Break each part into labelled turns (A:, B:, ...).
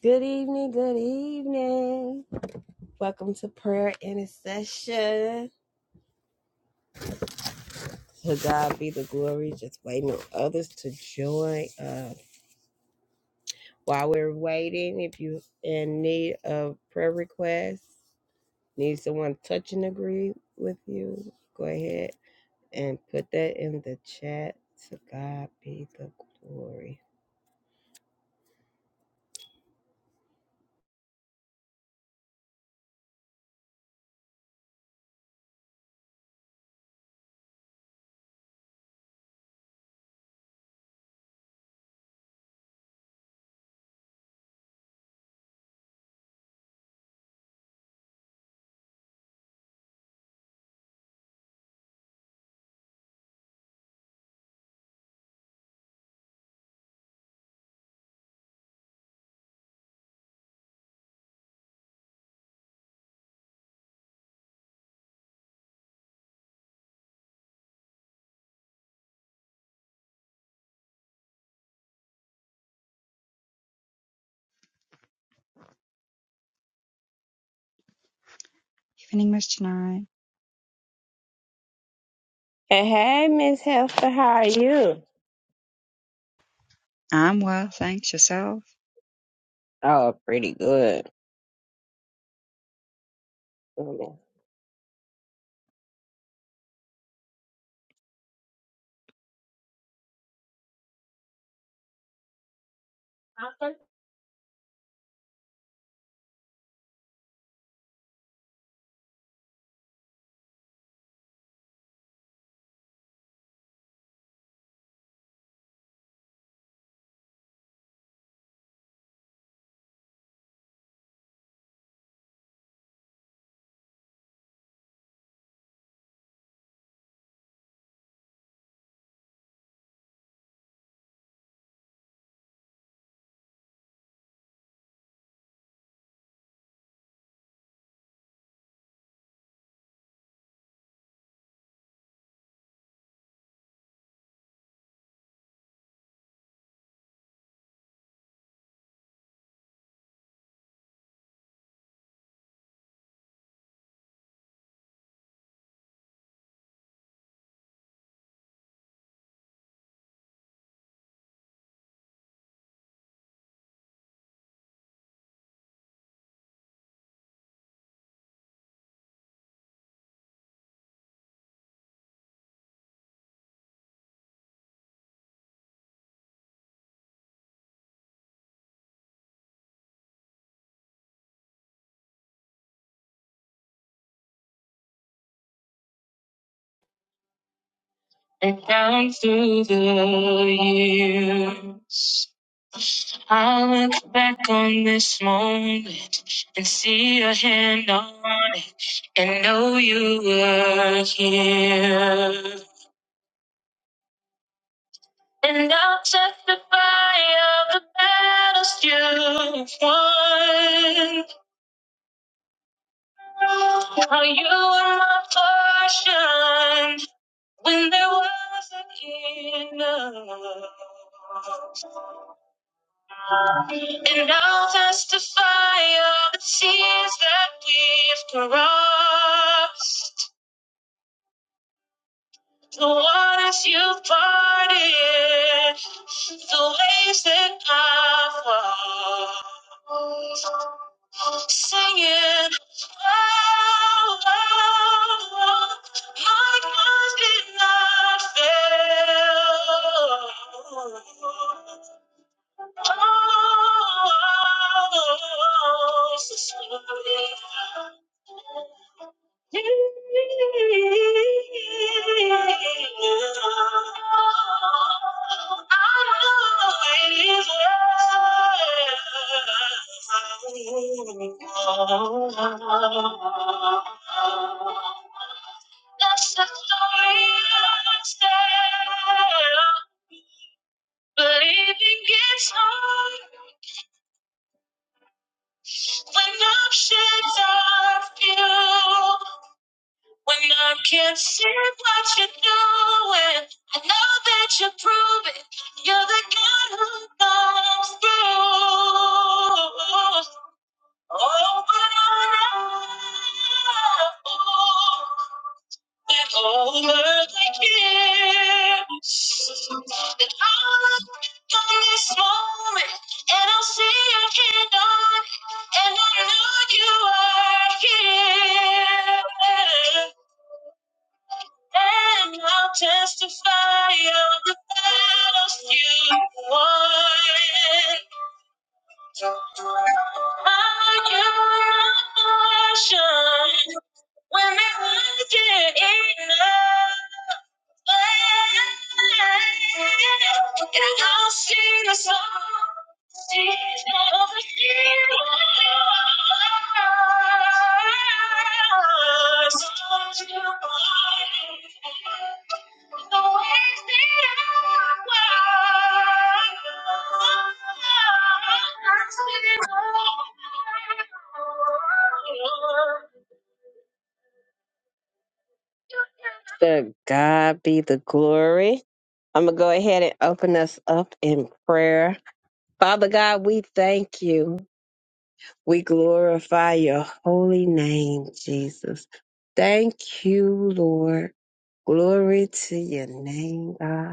A: Good evening, good evening. Welcome to prayer intercession. To God be the glory, just waiting on others to join us. While we're waiting, if you in need of prayer requests, need someone to touch and agree with you, go ahead and put that in the chat. To God be the glory.
B: Evening, Mr. Knight.
A: And hey, Miss Hester, how are you?
B: I'm well, thanks. Yourself?
A: Oh, pretty good. And down through the years, I'll look back on this moment and see your hand on it and know you were here. And I'll testify of the battles you've won. How you were my portion when there wasn't enough. And I'll testify of the tears that we've crossed, the waters you've parted, the waves that I've walked. Singing, oh, oh, oh, my God did not fail. That's the story of the tale. Living is hard when options are few. When I can't see what you're doing, I know that you're proving you're the God who comes through. Oh, but I know that all of the gifts that all of on this moment, and I'll see your hand on, it, and I know you are here, and I'll testify of the battles you won. Are you not portion when it wasn't enough? Thank you. To God be the glory. I'm going to go ahead and open us up in prayer. Father God, we thank you. We glorify your holy name, Jesus. Thank you, Lord. Glory to your name, God.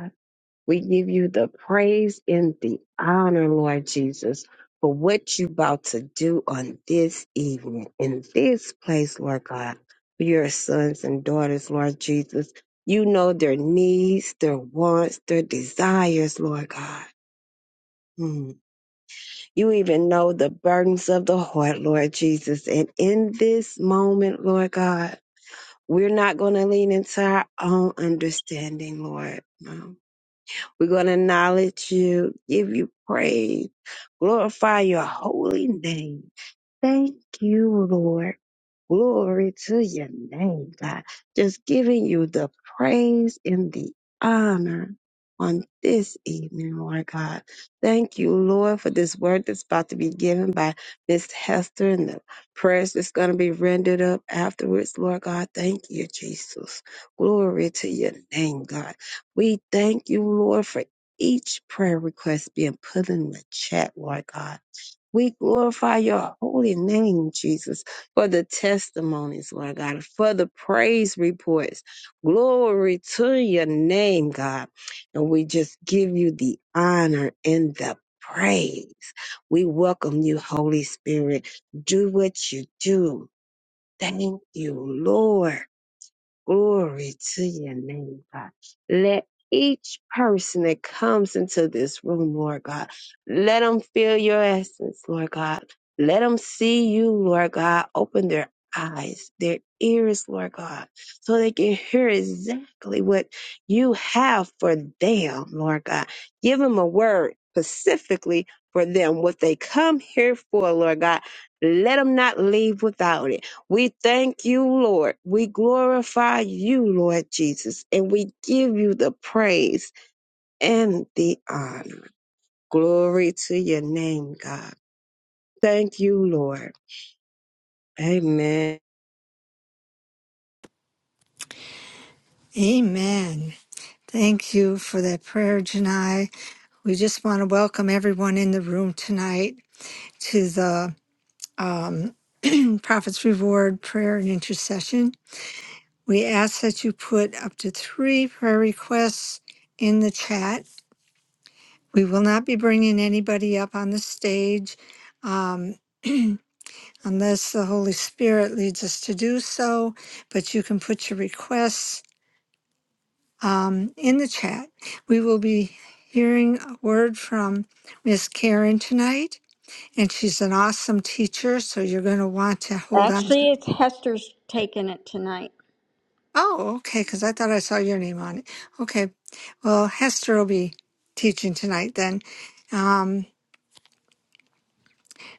A: We give you the praise and the honor, Lord Jesus, for what you're about to do on this evening, in this place, Lord God, for your sons and daughters, Lord Jesus. You know their needs, their wants, their desires, Lord God. Mm. You even know the burdens of the heart, Lord Jesus. And in this moment, Lord God, we're not going to lean into our own understanding, Lord. No. We're going to acknowledge you, give you praise, glorify your holy name. Thank you, Lord. Glory to your name, God. Just giving you the praise and the honor on this evening, Lord God. Thank you, Lord, for this word that's about to be given by Miss Hester and the prayers that's going to be rendered up afterwards, Lord God. Thank you, Jesus. Glory to your name, God. We thank you, Lord, for each prayer request being put in the chat, Lord God. We glorify your holy name, Jesus, for the testimonies, Lord God, for the praise reports. Glory to your name, God. And we just give you the honor and the praise. We welcome you, Holy Spirit. Do what you do. Thank you, Lord. Glory to your name, God. Let each person that comes into this room, Lord God, let them feel your essence, Lord God. Let them see you, Lord God. Open their eyes, their ears, Lord God, so they can hear exactly what you have for them, Lord God. Give them a word specifically for them, what they come here for, Lord God. Let them not leave without it. We thank you, Lord. We glorify you, Lord Jesus, and we give you the praise and the honor. Glory to your name, God. Thank you, Lord. Amen.
C: Amen. Thank you for that prayer, Janai. We just want to welcome everyone in the room tonight to the um, Prophet's Reward Prayer and Intercession. We ask that you put up to three prayer requests in the chat. We will not be bringing anybody up on the stage um, unless the Holy Spirit leads us to do so, but you can put your requests um, in the chat. We will be hearing a word from Miss Karen tonight, and she's an awesome teacher, so you're going to want to hold on. to-
D: Actually, it's Hester's taking it tonight.
C: Oh, okay, because I thought I saw your name on it. Okay, well, Hester will be teaching tonight then. Um,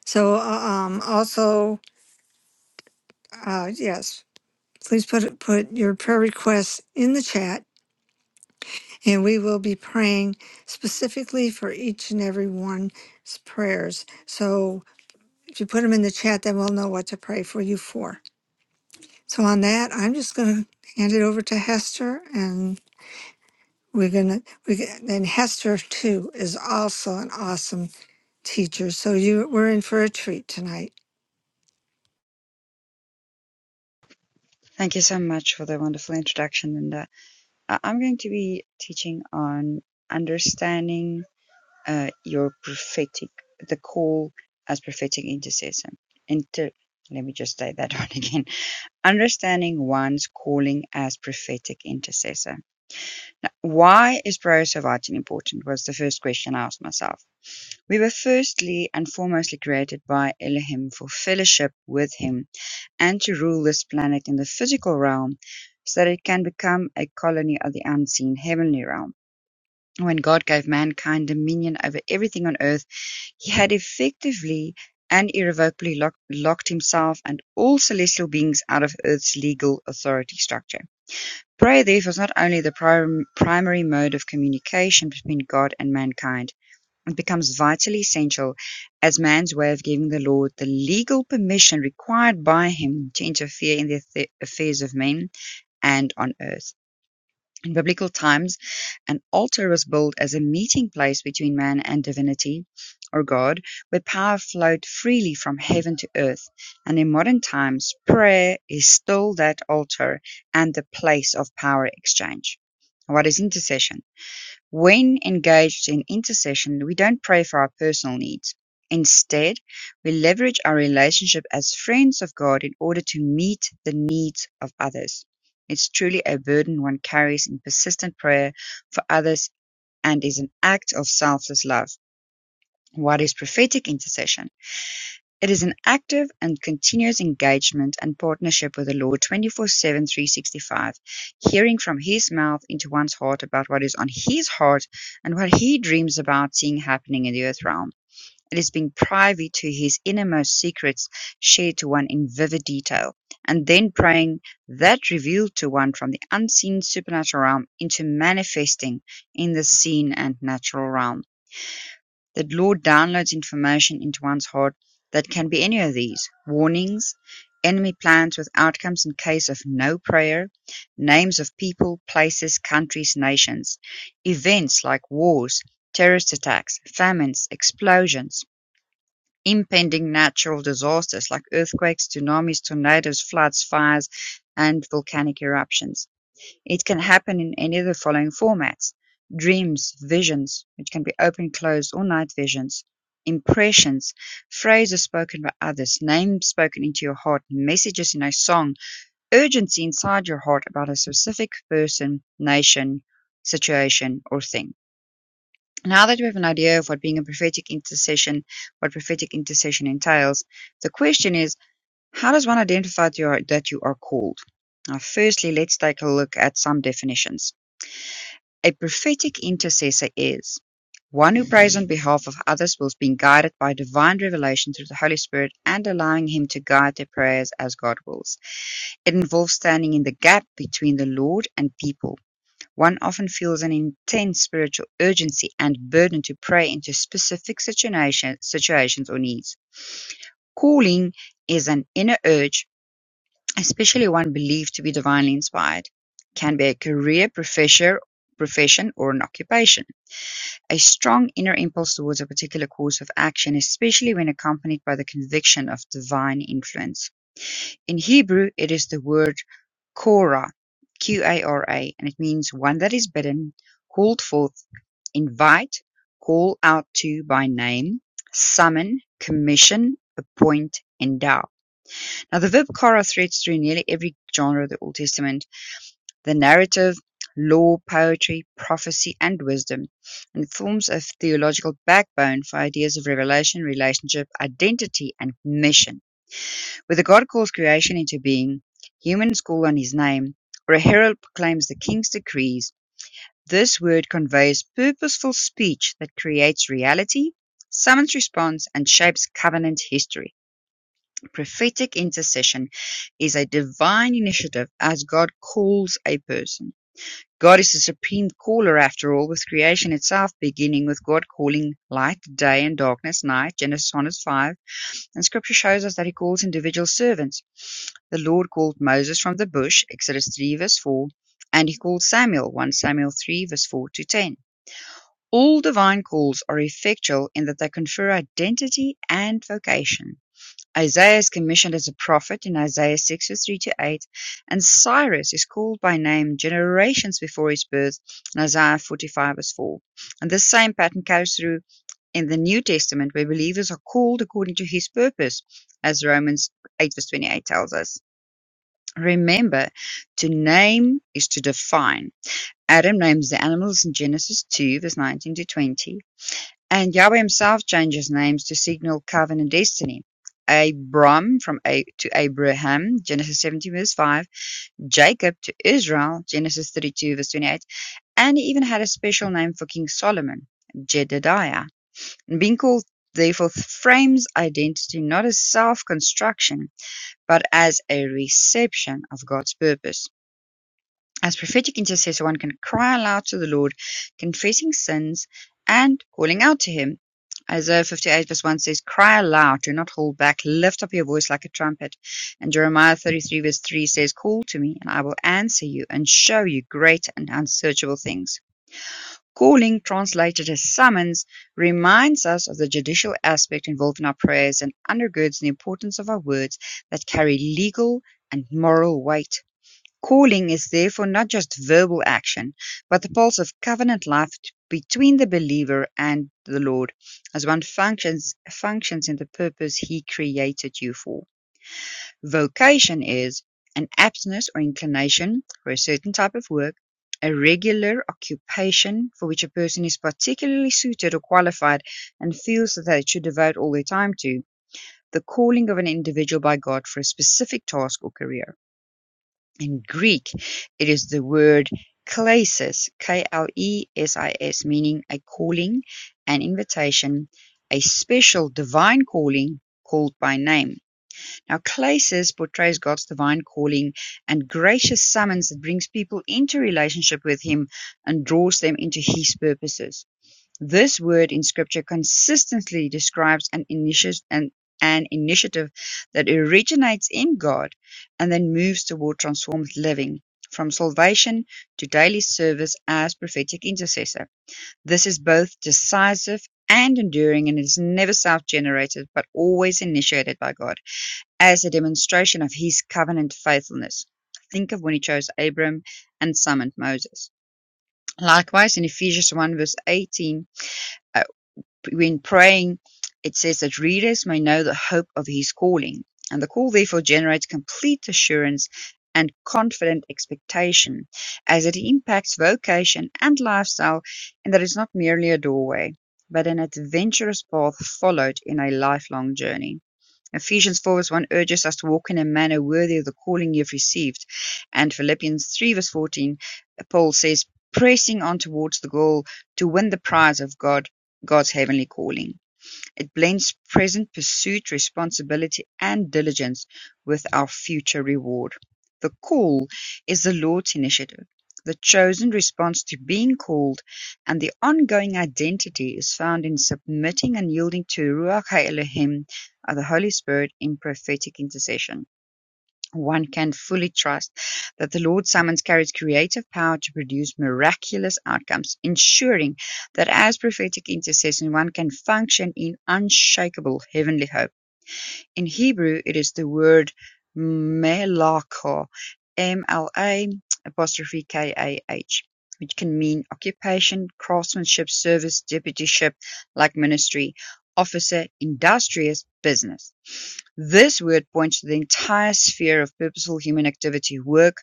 C: so, uh, um, also, uh, yes, please put put your prayer requests in the chat, and we will be praying specifically for each and every one's prayers. So, If you put them in the chat, then we'll know what to pray for you for. So on that, I'm just going to hand it over to Hester, and we're going to we and Hester too is also an awesome teacher. So you we're in for a treat tonight.
B: Thank you so much for the wonderful introduction, Linda. I- I'm going to be teaching on understanding uh, your prophetic, the call as prophetic intercessor. Inter- Let me just say that one again. Understanding one's calling as prophetic intercessor. Now, why is prayer so vital and important? Was the first question I asked myself. We were firstly and foremostly created by Elohim for fellowship with Him And to rule this planet in the physical realm so that it can become a colony of the unseen heavenly realm. When God gave mankind dominion over everything on earth, he had effectively and irrevocably lock- locked himself and all celestial beings out of earth's legal authority structure. Prayer, therefore, is not only the prim- primary mode of communication between God and mankind it becomes vitally essential as man's way of giving the Lord the legal permission required by him to interfere in the affa- affairs of men and on earth. In biblical times, an altar was built as a meeting place between man and divinity or God, where power flowed freely from heaven to earth. And in modern times, prayer is still that altar and the place of power exchange. What is intercession? When engaged in intercession, we don't pray for our personal needs. Instead, we leverage our relationship as friends of God in order to meet the needs of others. It's truly a burden one carries in persistent prayer for others and is an act of selfless love. What is prophetic intercession? It is an active and continuous engagement and partnership with the Lord 24/7, 365, hearing from His mouth into one's heart about what is on His heart and what He dreams about seeing happening in the earth realm. It is being privy to His innermost secrets shared to one in vivid detail, and then praying that revealed to one from the unseen supernatural realm into manifesting in the seen and natural realm. The Lord downloads information into one's heart that can be any of these: warnings, enemy plans with outcomes in case of no prayer, names of people, places, countries, nations, events like wars, terrorist attacks, famines, explosions, impending natural disasters like earthquakes, tsunamis, tornadoes, floods, fires, and volcanic eruptions. It can happen in any of the following formats: dreams, visions (which can be open, closed or night visions), impressions, phrases spoken by others, names spoken into your heart, messages in a song, urgency inside your heart about a specific person, nation, situation or thing. Now that we have an idea of what being a prophetic intercession, what prophetic intercession entails, the question is, how does one identify that you are, that you are called? Now, firstly, let's take a look at some definitions. A prophetic intercessor is one who prays on behalf of others whilst being guided by divine revelation through the Holy Spirit and allowing Him to guide their prayers as God wills. It involves standing in the gap between the Lord and people. One often feels an intense spiritual urgency and burden to pray into specific situation, situations or needs. Calling is an inner urge, especially one believed to be divinely inspired, can be a career, professor, profession, or an occupation. A strong inner impulse towards a particular course of action, especially when accompanied by the conviction of divine influence. In Hebrew, it is the word Korah, Q A R A, and it means one that is bidden, called forth, invite, call out to by name, summon, commission, appoint, endow. Now, the verb Korah threads through nearly every genre of the Old Testament. The narrative, law, poetry, prophecy, and wisdom, and forms a theological backbone for ideas of revelation, relationship, identity, and mission. Whether God calls creation into being, humans call on his name, or a herald proclaims the king's decrees, this word conveys purposeful speech that creates reality, summons response, and shapes covenant history. Prophetic intercession is a divine initiative as God calls a person. God is the supreme caller after all, with creation itself beginning with God calling light day and darkness night, Genesis 1 verse 5. And scripture shows us that he calls individual servants. The Lord called Moses from the bush, Exodus 3 verse 4, and he called Samuel, 1 Samuel 3 verse 4 to 10. All divine calls are effectual in that they confer identity and vocation. Isaiah is commissioned as a prophet in Isaiah six verse three to 8 and Cyrus is called by name generations before his birth in Isaiah 45-4. verse four. And this same pattern carries through in the New Testament, where believers are called according to his purpose, as Romans eight verse twenty eight tells us. Remember, to name is to define. Adam names the animals in Genesis 2, verse 19 to 20. And Yahweh himself changes names to signal covenant destiny. Abram from A- to Abraham, Genesis 17 verse 5, Jacob to Israel, Genesis 32 verse 28, and he even had a special name for King Solomon, Jedediah. And Being called therefore frames identity not as self-construction, but as a reception of God's purpose. As prophetic intercessor, one can cry aloud to the Lord, confessing sins and calling out to Him. Isaiah 58 verse 1 says, Cry aloud, do not hold back, lift up your voice like a trumpet. And Jeremiah 33 verse 3 says, Call to me, and I will answer you and show you great and unsearchable things. Calling, translated as summons, reminds us of the judicial aspect involved in our prayers and undergirds the importance of our words that carry legal and moral weight. Calling is therefore not just verbal action, but the pulse of covenant life t- between the believer and the Lord as one functions functions in the purpose he created you for. Vocation is an aptness or inclination for a certain type of work, a regular occupation for which a person is particularly suited or qualified and feels that they should devote all their time to. The calling of an individual by God for a specific task or career. In Greek, it is the word "klesis," K-L-E-S-I-S, meaning a calling, an invitation, a special divine calling called by name. Now, klesis portrays God's divine calling and gracious summons that brings people into relationship with Him and draws them into His purposes. This word in Scripture consistently describes an initiative, an, an initiative that originates in God and then moves toward transformed living, from salvation to daily service as prophetic intercessor. This is both decisive and enduring and is never self generated but always initiated by God as a demonstration of his covenant faithfulness. Think of when he chose Abram and summoned Moses. Likewise, in Ephesians 1 verse 18, when praying, it says that readers may know the hope of his calling. And the call therefore generates complete assurance and confident expectation as it impacts vocation and lifestyle, and that it's not merely a doorway, but an adventurous path followed in a lifelong journey. Ephesians 4 verse 1 urges us to walk in a manner worthy of the calling you've received. And Philippians 3 verse 14, Paul says, pressing on towards the goal to win the prize of God, God's heavenly calling. It blends present pursuit, responsibility, and diligence with our future reward. The call is the Lord's initiative. The chosen response to being called and the ongoing identity is found in submitting and yielding to Ruach HaElohim, uh, the Holy Spirit, in prophetic intercession one can fully trust that the Lord summons carries creative power to produce miraculous outcomes, ensuring that as prophetic intercession, one can function in unshakable heavenly hope. In Hebrew it is the word "melakah", M-L-A apostrophe kah which can mean occupation, craftsmanship, service, deputyship, like ministry, officer, industrious, business. This word points to the entire sphere of purposeful human activity, work,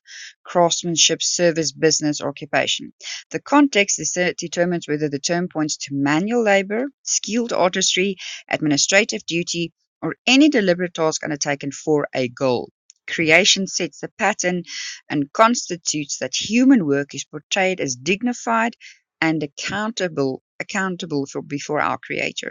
B: craftsmanship, service, business, occupation. The context uh, determines whether the term points to manual labor, skilled artistry, administrative duty, or any deliberate task undertaken for a goal. Creation sets the pattern and constitutes that human work is portrayed as dignified and accountable accountable for before our creator.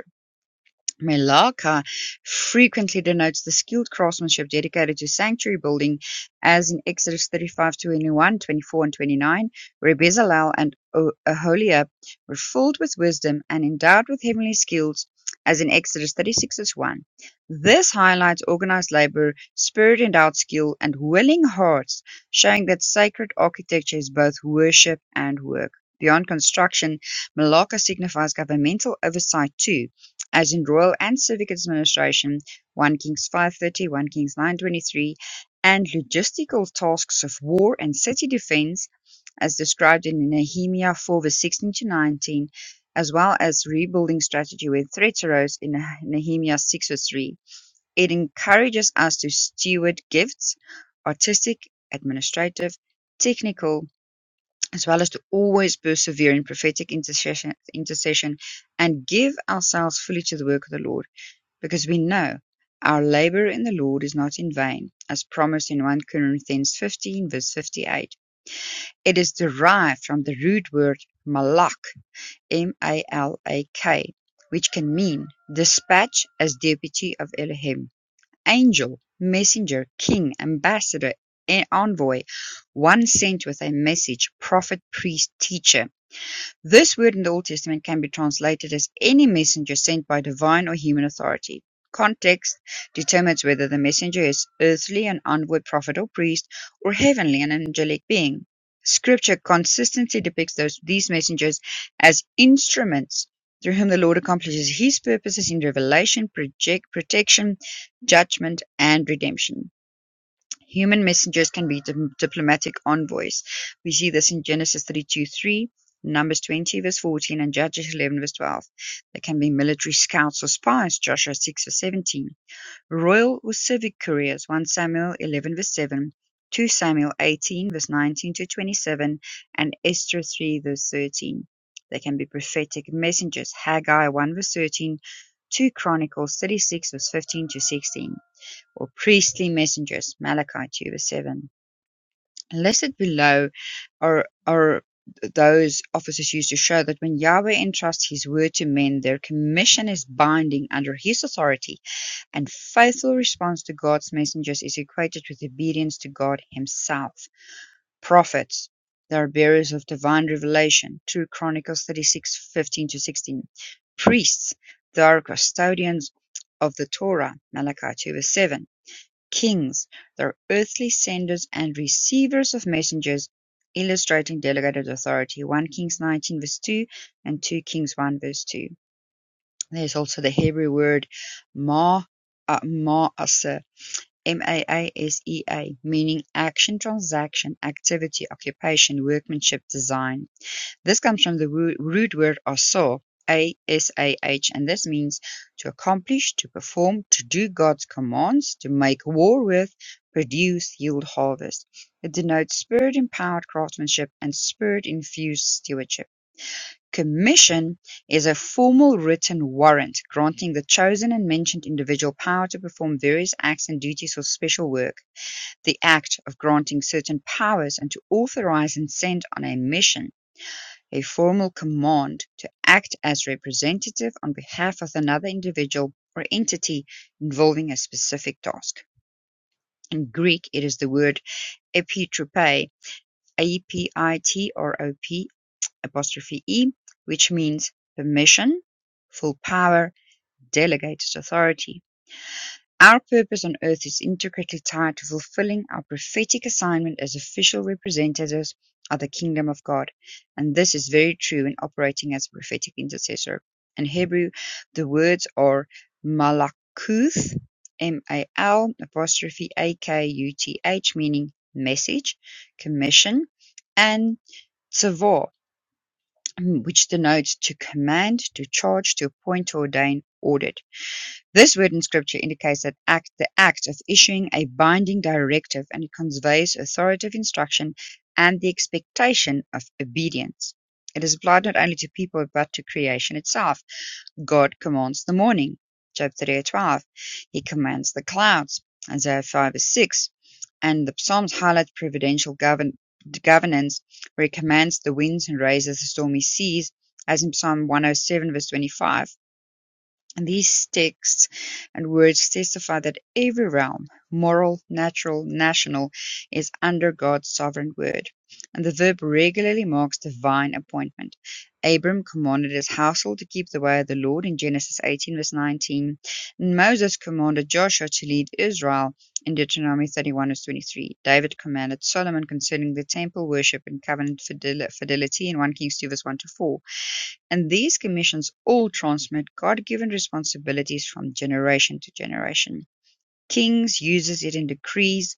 B: Melaka frequently denotes the skilled craftsmanship dedicated to sanctuary building as in Exodus 35, 21, 24 and 29, where Bezalel and O- Aholiab were filled with wisdom and endowed with heavenly skills as in Exodus 36, verse 1. This highlights organized labor, spirit-endowed skill, and willing hearts, showing that sacred architecture is both worship and work. Beyond construction, Malacca signifies governmental oversight too as in royal and civic administration, 1 Kings 5:30, Kings 9:23, and logistical tasks of war and city defense, as described in Nehemiah 4 verse 16 to 19, as well as rebuilding strategy when threats arose in Nehemiah 6 verse 3. It encourages us to steward gifts, artistic, administrative, technical, as well as to always persevere in prophetic intercession, intercession and give ourselves fully to the work of the Lord because we know our labor in the Lord is not in vain, as promised in 1 Corinthians 15, verse 58. It is derived from the root word malak, M A L A K, which can mean dispatch as deputy of Elohim, angel, messenger, king, ambassador, envoy, one sent with a message, prophet, priest, teacher. This word in the Old Testament can be translated as any messenger sent by divine or human authority. Context determines whether the messenger is earthly, an onward prophet or priest, or heavenly, an angelic being. Scripture consistently depicts those, these messengers as instruments through whom the Lord accomplishes his purposes in revelation, project, protection, judgment, and redemption. Human messengers can be di- diplomatic envoys. We see this in Genesis 32:3, Numbers 20 verse 14, and Judges 11 verse 12. They can be military scouts or spies, Joshua 6 verse 17. Royal or civic couriers, 1 Samuel 11 verse 7, 2 Samuel 18 verse 19 to 27, and Esther 3 verse 13. They can be prophetic messengers, Haggai 1 verse 13, 2 Chronicles 36 verse 15 to 16 or priestly messengers, Malachi 2 verse 7. Listed below are, are those offices used to show that when Yahweh entrusts his word to men, their commission is binding under his authority, and faithful response to God's messengers is equated with obedience to God himself. Prophets, they are bearers of divine revelation, 2 Chronicles 36 15 to 16. Priests, they are custodians of the Torah, Malachi 2 verse 7 Kings, though earthly senders and receivers of messengers, illustrating delegated authority. 1 Kings 19 verse 2 and 2 Kings 1 verse 2. There's also the Hebrew word ma, uh, ma'aseh, M-A-A-S-E-A, meaning action, transaction, activity, occupation, workmanship, design. This comes from the wo- root word "asah", A-S-A-H, and this means to accomplish, to perform, to do God's commands, to make war with, produce, yield harvest. It denotes spirit-empowered craftsmanship and spirit-infused stewardship. Commission is a formal written warrant granting the chosen and mentioned individual power to perform various acts and duties or special work, the act of granting certain powers and to authorize and send on a mission a formal command to act as representative on behalf of another individual or entity involving a specific task. In Greek, it is the word epitrope, A-P-I-T-R-O-P apostrophe E, which means permission, full power, delegated authority. Our purpose on earth is intricately tied to fulfilling our prophetic assignment as official representatives of the kingdom of God. And this is very true in operating as a prophetic intercessor. In Hebrew, the words are malakuth, M-A-L apostrophe A-K-U-T-H, meaning message, commission, and tzavor, which denotes to command, to charge, to appoint, to ordain, ordered. This word in Scripture indicates that act, the act of issuing a binding directive, and it conveys authoritative instruction and the expectation of obedience. It is applied not only to people but to creation itself. God commands the morning, Job 38:12. He commands the clouds, Isaiah 5 verse 6. And the Psalms highlight providential govern- governance, where he commands the winds and raises the stormy seas, as in Psalm 107 verse 25. And These texts and words testify that every realm, moral, natural, national, is under God's sovereign word, and the verb regularly marks divine appointment. Abram commanded his household to keep the way of the Lord in Genesis 18, verse 19, and Moses commanded Joshua to lead Israel in Deuteronomy 31, verse 23. David commanded Solomon concerning the temple worship and covenant fidel- fidelity in 1 Kings 2, verse 1 to 4 and these commissions all transmit God-given responsibilities from generation to generation. Kings uses it in decrees,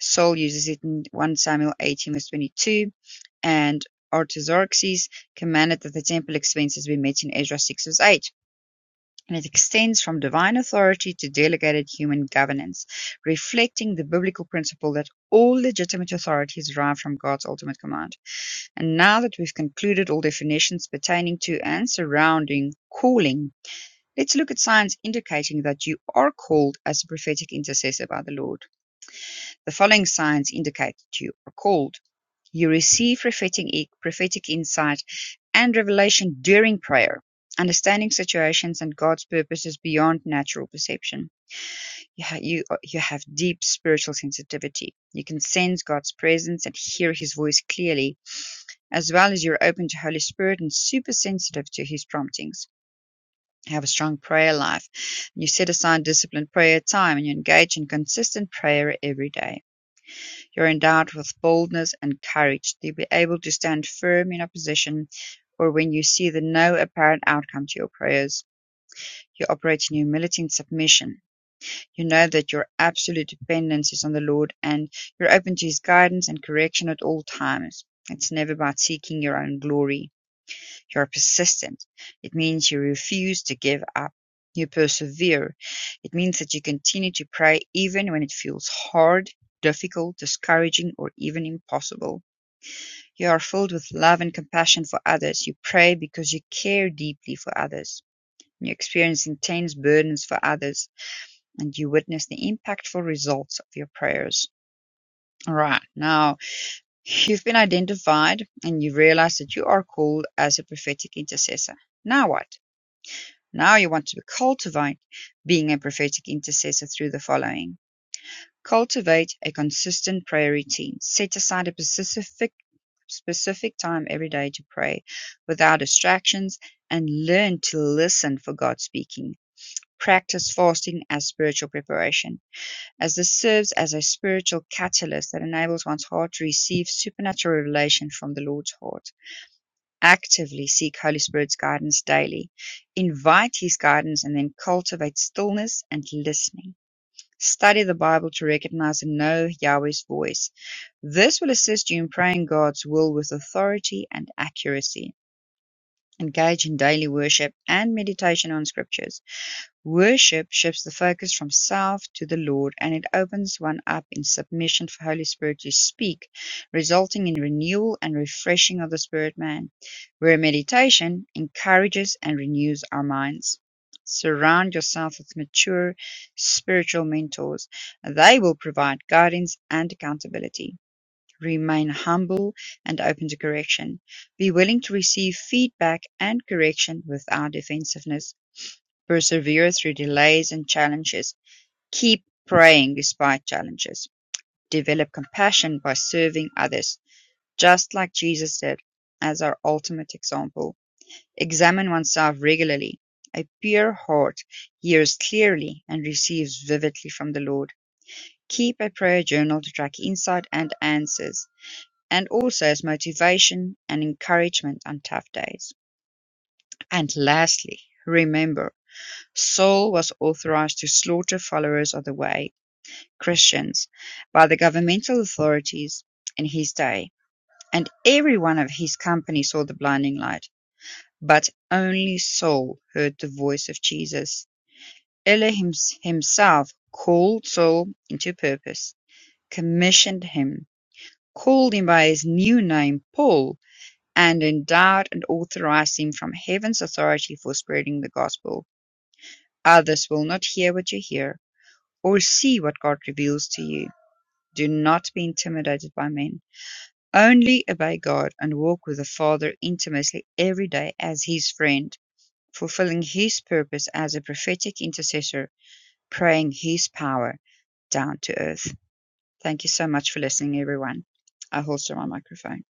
B: Saul uses it in 1 Samuel 18 verse 22, and Artaxerxes commanded that the temple expenses be met in Ezra 6 verse 8. And it extends from divine authority to delegated human governance, reflecting the biblical principle that all legitimate authority is derived from God's ultimate command. And now that we've concluded all definitions pertaining to and surrounding calling, let's look at signs indicating that you are called as a prophetic intercessor by the Lord. The following signs indicate that you are called. You receive prophetic, prophetic insight and revelation during prayer, understanding situations and God's purposes beyond natural perception. You, ha- you, you have deep spiritual sensitivity. You can sense God's presence and hear his voice clearly as well as you're open to Holy Spirit and super sensitive to His promptings. Have a strong prayer life. You set aside disciplined prayer time and you engage in consistent prayer every day. You're endowed with boldness and courage to be able to stand firm in opposition or when you see the no apparent outcome to your prayers. You operate in humility and submission. You know that your absolute dependence is on the Lord and you're open to His guidance and correction at all times. It's never about seeking your own glory You're persistent. It means you refuse to give up. You persevere. It means that you continue to pray even when it feels hard, difficult, discouraging, or even impossible. You are filled with love and compassion for others. You pray because you care deeply for others. You experience intense burdens for others and you witness the impactful results of your prayers. All right, now you've been identified and you realize that you are called as a prophetic intercessor. Now what? Now you want to cultivate being a prophetic intercessor through the following. Cultivate a consistent prayer routine. Set aside a specific specific time every day to pray without distractions and learn to listen for God speaking. Practice fasting as spiritual preparation, as this serves as a spiritual catalyst that enables one's heart to receive supernatural revelation from the Lord's heart actively seek Holy Spirit's guidance daily. Invite His guidance and then cultivate stillness and listening. Study the Bible to recognize and know Yahweh's voice. This will assist you in praying God's will with authority and accuracy. Engage in daily worship and meditation on scriptures Worship shifts the focus from self to the Lord, and it opens one up in submission for Holy Spirit to speak, resulting in renewal and refreshing of the spirit man, where meditation encourages and renews our minds. Surround yourself with mature spiritual mentors. They will provide guidance and accountability. Remain humble and open to correction. Be willing to receive feedback and correction without defensiveness Persevere through delays and challenges. Keep praying despite challenges. Develop compassion by serving others, just like Jesus did, as our ultimate example. Examine oneself regularly. A pure heart hears clearly and receives vividly from the Lord. Keep a prayer journal to track insight and answers, and also as motivation and encouragement on tough days. And lastly, remember. Saul was authorized to slaughter followers of the Way (Christians) by the governmental authorities in his day, and every one of his company saw the blinding light, but only Saul heard the voice of Jesus. Elohim himself called Saul into purpose, commissioned him, called him by his new name Paul, and endowed and authorized him from heaven's authority for spreading the gospel. Others will not hear what you hear, or see what God reveals to you. Do not be intimidated by men. Only obey God and walk with the Father intimately every day as His friend, fulfilling His purpose as a prophetic intercessor, praying His power down to earth. Thank you so much for listening, everyone. I holster my microphone.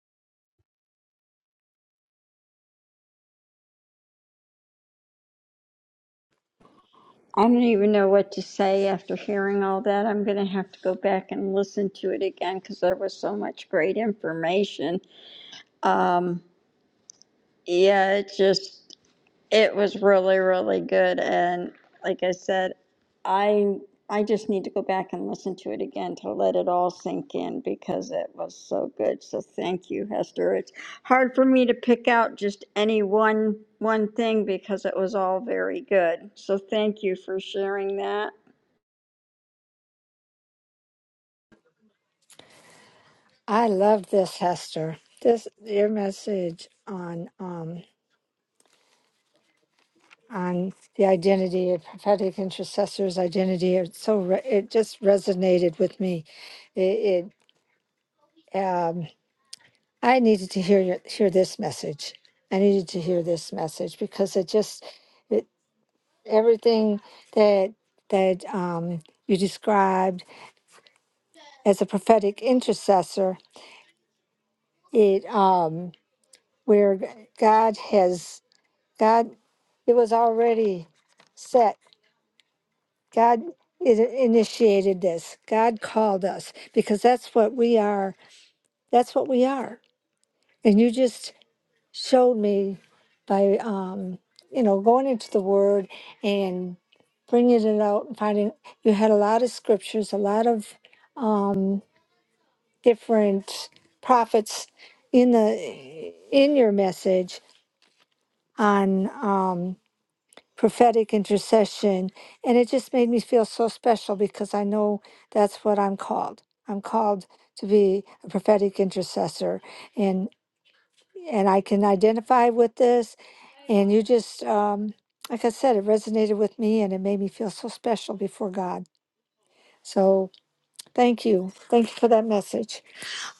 D: I don't even know what to say after hearing all that. I'm going to have to go back and listen to it again because there was so much great information. Um, yeah, it just. It was really, really good. And like I said, I I just need to go back and listen to it again to let it all sink in because it was so good. So thank you, Hester. It's hard for me to pick out just any one one thing because it was all very good. So thank you for sharing that.
C: I love this, Hester. This your message on um on the identity of prophetic intercessors' identity. It's so re- it just resonated with me. It, it um I needed to hear your, hear this message. I needed to hear this message because it just it, everything that that um, you described as a prophetic intercessor. It um, where g- God has God. It was already set. God i- initiated this. God called us because that's what we are. That's what we are. And you just showed me by um, you know going into the word and bringing it out and finding you had a lot of scriptures a lot of um, different prophets in the in your message on um, prophetic intercession and it just made me feel so special because i know that's what i'm called i'm called to be a prophetic intercessor and and i can identify with this And you just, um, like I said, it resonated with me and it made me feel so special before God. So thank you. Thank you for that message.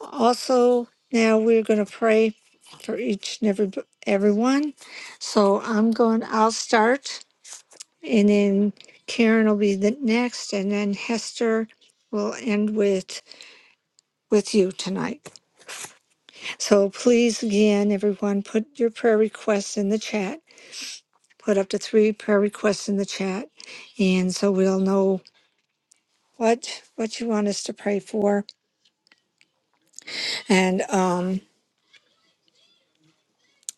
C: Also, now we're going to pray for each and every everyone. So I'm going, I'll start and then Karen will be the next and then Hester will end with with you tonight. So please again everyone put your prayer requests in the chat put up to three prayer requests in the chat. And so we'll know what, what you want us to pray for. And, um,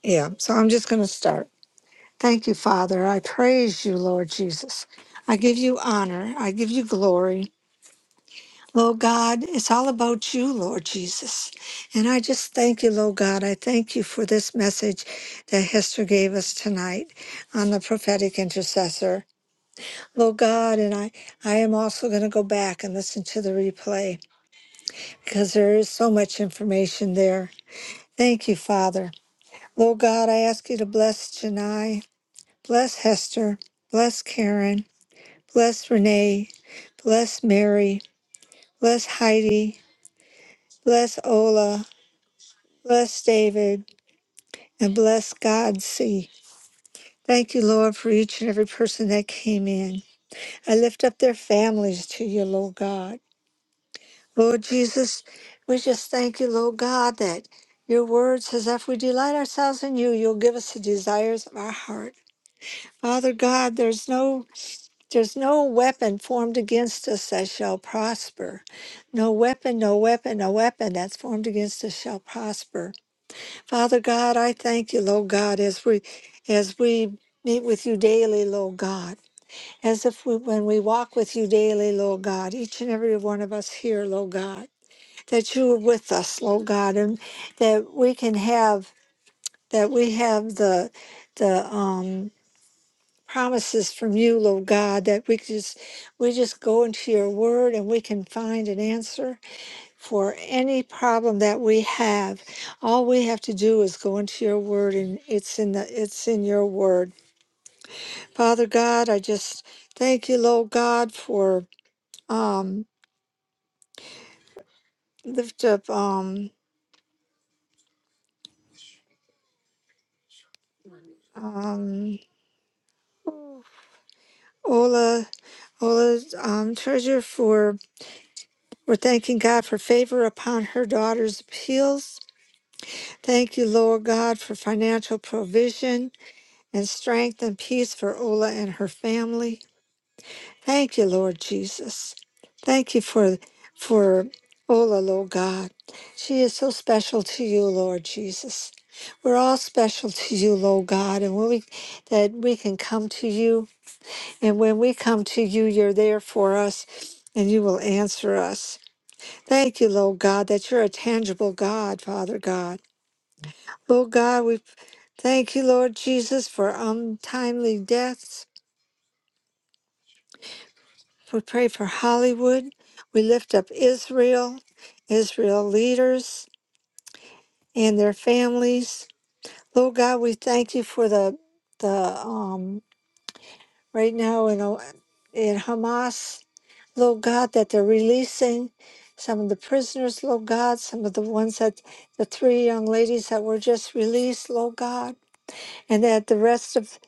C: yeah, so I'm just going to start. Thank you, Father. I praise you, Lord Jesus. I give you honor. I give you glory. Lord God, it's all about you, Lord Jesus. And I just thank you, Lord God. I thank you for this message that Hester gave us tonight on the prophetic intercessor. Lord God, and I, I am also going to go back and listen to the replay because there is so much information there. Thank you, Father. Lord God, I ask you to bless Janai, bless Hester, bless Karen, bless Renee, bless Mary, bless Heidi, bless Ola, bless David, and bless God. See. Thank you, Lord, for each and every person that came in. I lift up their families to you, Lord God. Lord Jesus, we just thank you, Lord God, that your word says, if we delight ourselves in you, you'll give us the desires of our heart. Father God, there's no there's no weapon formed against us that shall prosper. No weapon, no weapon, no weapon that's formed against us shall prosper. Father God, I thank you, Lord God, as we as we meet with you daily, Lord God. As if we, when we walk with you daily, Lord God, each and every one of us here, Lord God that you are with us, Lord God, and that we can have that we have the the um promises from you, Lord God, that we can just we just go into your word and we can find an answer for any problem that we have. All we have to do is go into your word and it's in the it's in your word. Father God, I just thank you, Lord God, for um lift up um um Ola Well, as, um, Treasurer, for we're thanking God for favor upon her daughter's appeals. Thank you, Lord God, for financial provision and strength and peace for Ola and her family. Thank you, Lord Jesus. Thank you for for Ola, Lord God. She is so special to you, Lord Jesus. We're all special to you, Lord God, and when we that we can come to you, and when we come to you, you're there for us, and you will answer us. Thank you, Lord God, that you're a tangible God, Father God. Lord God, we thank you, Lord Jesus, for untimely deaths. We pray for Hollywood. We lift up Israel, Israel leaders and their families. Lord God, we thank you for the the um right now in O- in Hamas. Lord God, that they're releasing some of the prisoners, Lord God, some of the ones that the three young ladies that were just released, Lord God. and that the rest of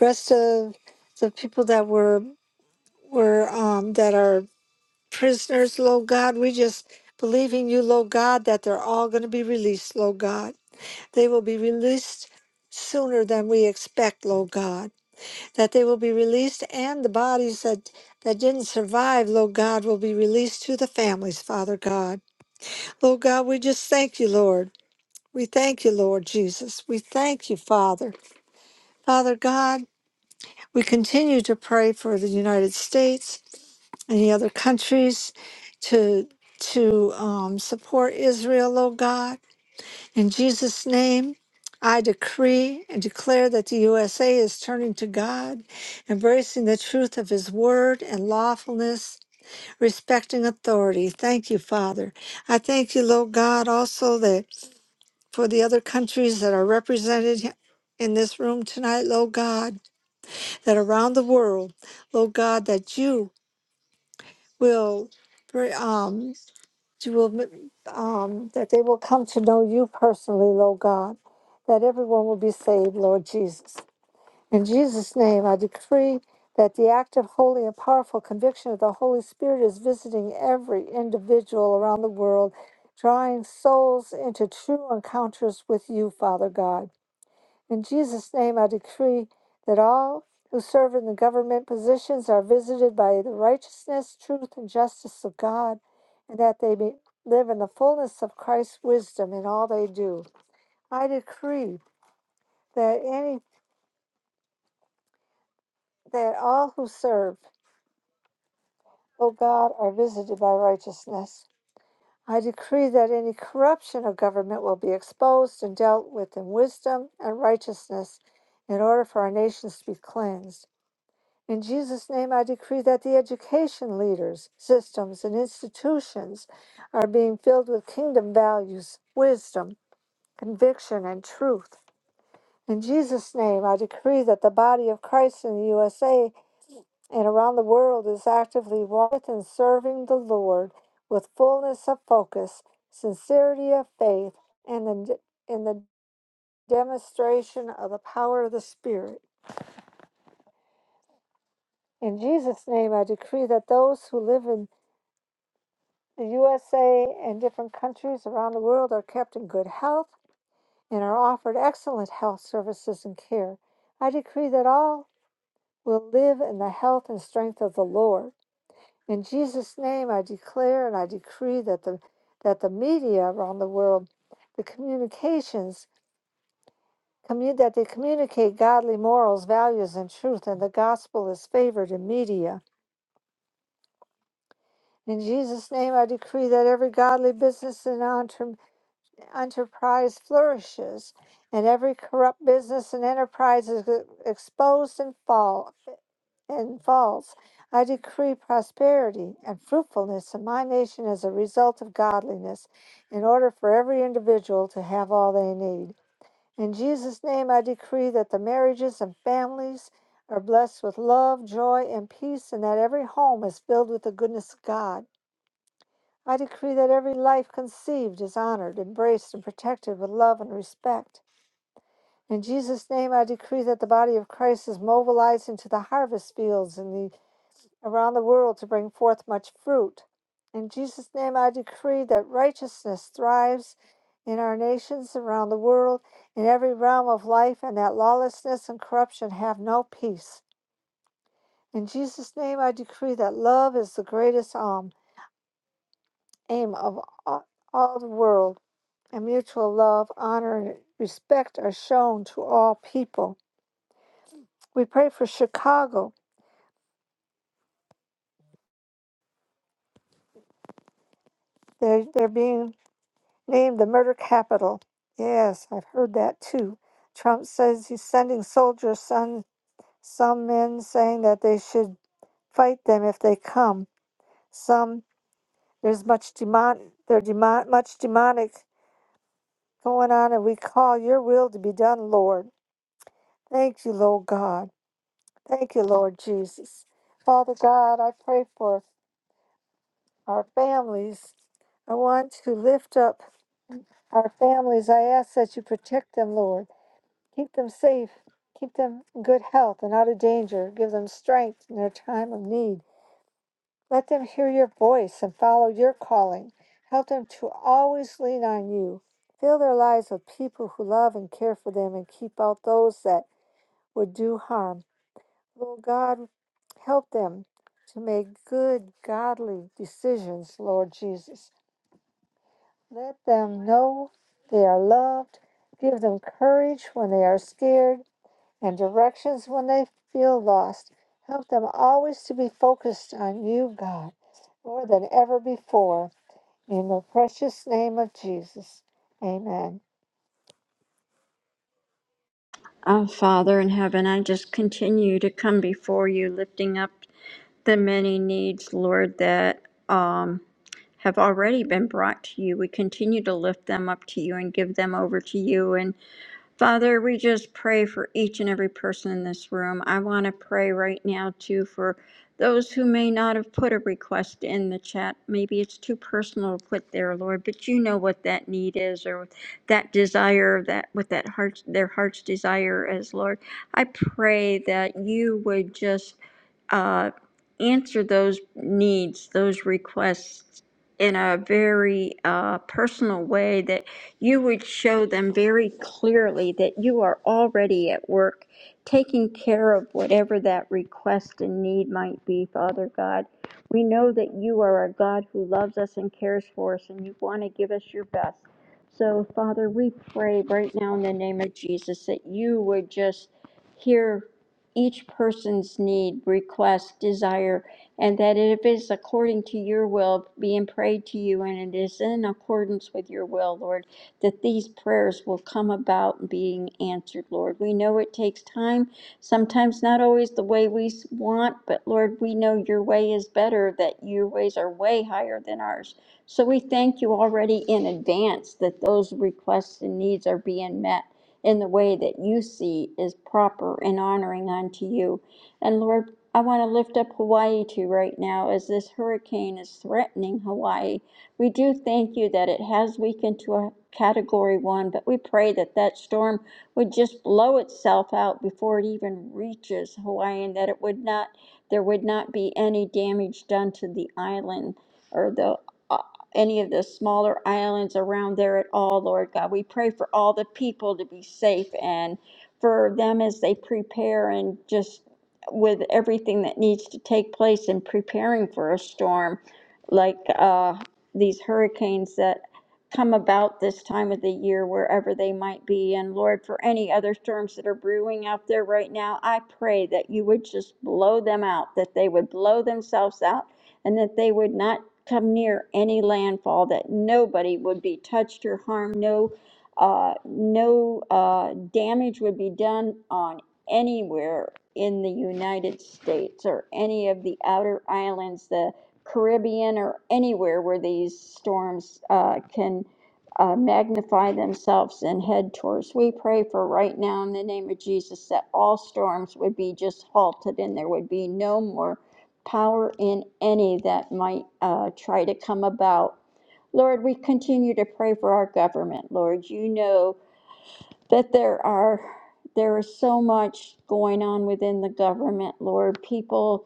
C: rest of the people that were were um, that are prisoners, Lord God, we just believe in you, Lord God, that they're all going to be released, Lord God. They will be released sooner than we expect, Lord God. That they will be released, and the bodies that that didn't survive, Lord God, will be released to the families, Father God. Lord God, we just thank you, Lord. We thank you, Lord Jesus. We thank you, Father. Father God, We continue to pray for the United States and the other countries to to um, support Israel, oh God. In Jesus' name, I decree and declare that the USA is turning to God, embracing the truth of His word and lawfulness, respecting authority. Thank you, Father. I thank you, Lord God, also that for the other countries that are represented in this room tonight, Lord God that around the world, Lord God, that you will bring, um, you will, um, that they will come to know you personally, Lord God, that everyone will be saved, Lord Jesus. In Jesus' name, I decree that the active, holy, and powerful conviction of the Holy Spirit is visiting every individual around the world, drawing souls into true encounters with you, Father God. In Jesus' name, I decree that all who serve in the government positions are visited by the righteousness, truth, and justice of God, and that they may live in the fullness of Christ's wisdom in all they do. I decree that any that all who serve, O God, are visited by righteousness. I decree that any corruption of government will be exposed and dealt with in wisdom and righteousness in order for our nations to be cleansed. In Jesus' name, I decree that the education leaders, systems, and institutions are being filled with kingdom values, wisdom, conviction, and truth. In Jesus' name, I decree that the body of Christ in the USA and around the world is actively with and serving the Lord with fullness of focus, sincerity of faith, and the, in the demonstration of the power of the Spirit. In Jesus' name, I decree that those who live in The USA and different countries around the world are kept in good health and are offered excellent health services and care. I decree that all will live in the health and strength of the Lord. In Jesus' name, I declare and I decree that the that the media around the world, the communications, commu- that they communicate godly morals, values, and truth, and the gospel is favored in media. In Jesus' name, I decree that every godly business and entrepreneur. enterprise flourishes, and every corrupt business and enterprise is e-, exposed and fall and falls. I decree prosperity and fruitfulness in my nation as a result of godliness, in order for every individual to have all they need. In Jesus' name, I decree that the marriages and families are blessed with love, joy, and peace, and that every home is filled with the goodness of God. I decree that every life conceived is honored, embraced, and protected with love and respect. In Jesus' name, I decree that the body of Christ is mobilizing to the harvest fields and the, around the world to bring forth much fruit. In Jesus' name, I decree that righteousness thrives in our nations around the world, in every realm of life, and that lawlessness and corruption have no peace. In Jesus' name, I decree that love is the greatest aim, aim of all all the world and mutual love, honor, and respect are shown to all people. We pray for Chicago. They're, they're being named the murder capital. Yes, I've heard that too. Trump says he's sending soldiers, some, some men saying that they should fight them if they come. Some, there's much demon, there demon, much demonic going on, and we call your will to be done, Lord. Thank you, Lord God. Thank you, Lord Jesus. Father God, I pray for our families. I want to lift up our families. I ask that you protect them, Lord. Keep them safe. Keep them in good health and out of danger. Give them strength in their time of need. Let them hear your voice and follow your calling. Help them to always lean on you. Fill their lives with people who love and care for them and keep out those that would do harm. Lord God, help them to make good, godly decisions, Lord Jesus. Let them know they are loved. Give them courage when they are scared and directions when they feel lost. Help them always to be focused on you, God, more than ever before. In the precious name of Jesus. Amen.
D: Oh, Father in heaven, I just continue to come before you, lifting up the many needs, Lord, that um, have already been brought to you. We continue to lift them up to you and give them over to you. and. Father, we just pray for each and every person in this room. I want to pray right now, too, for those who may not have put a request in the chat. Maybe it's too personal to put there, Lord, but you know what that need is or that desire, that what that heart, their heart's desire is, Lord. I pray that you would just uh, answer those needs, those requests in a very uh, personal way that you would show them very clearly that you are already at work taking care of whatever that request and need might be, Father God. We know that you are a God who loves us and cares for us, and you want to give us your best. So, Father, we pray right now in the name of Jesus that you would just hear each person's need, request, desire, and that if it is according to your will, being prayed to you, and it is in accordance with your will, Lord that these prayers will come about being answered, Lord. We know it takes time, sometimes not always the way we want, but Lord, we know your way is better, that your ways are way higher than ours. So we thank you already in advance that those requests and needs are being met in the way that you see is proper and honoring unto you. And Lord, I want to lift up Hawaii to you right now as this hurricane is threatening Hawaii. We do thank you that it has weakened to a category one, but we pray that that storm would just blow itself out before it even reaches Hawaii and that it would not, there would not be any damage done to the island or the, uh, any of the smaller islands around there at all, Lord God. We pray for all the people to be safe and for them as they prepare and just with everything that needs to take place in preparing for a storm like uh, these hurricanes that come about this time of the year, wherever they might be. And Lord, for any other storms that are brewing out there right now, I pray that you would just blow them out, that they would blow themselves out, and that they would not come near any landfall, that nobody would be touched or harmed, no. Uh, no uh, damage would be done on anywhere in the United States or any of the outer islands, The Caribbean or anywhere where these storms uh, can uh, magnify themselves and head towards. We pray for right now in the name of Jesus that all storms would be just halted and there would be no more power in any that might uh, try to come about. Lord, we continue to pray for our government. Lord, you know that there are there is so much going on within the government, Lord. People,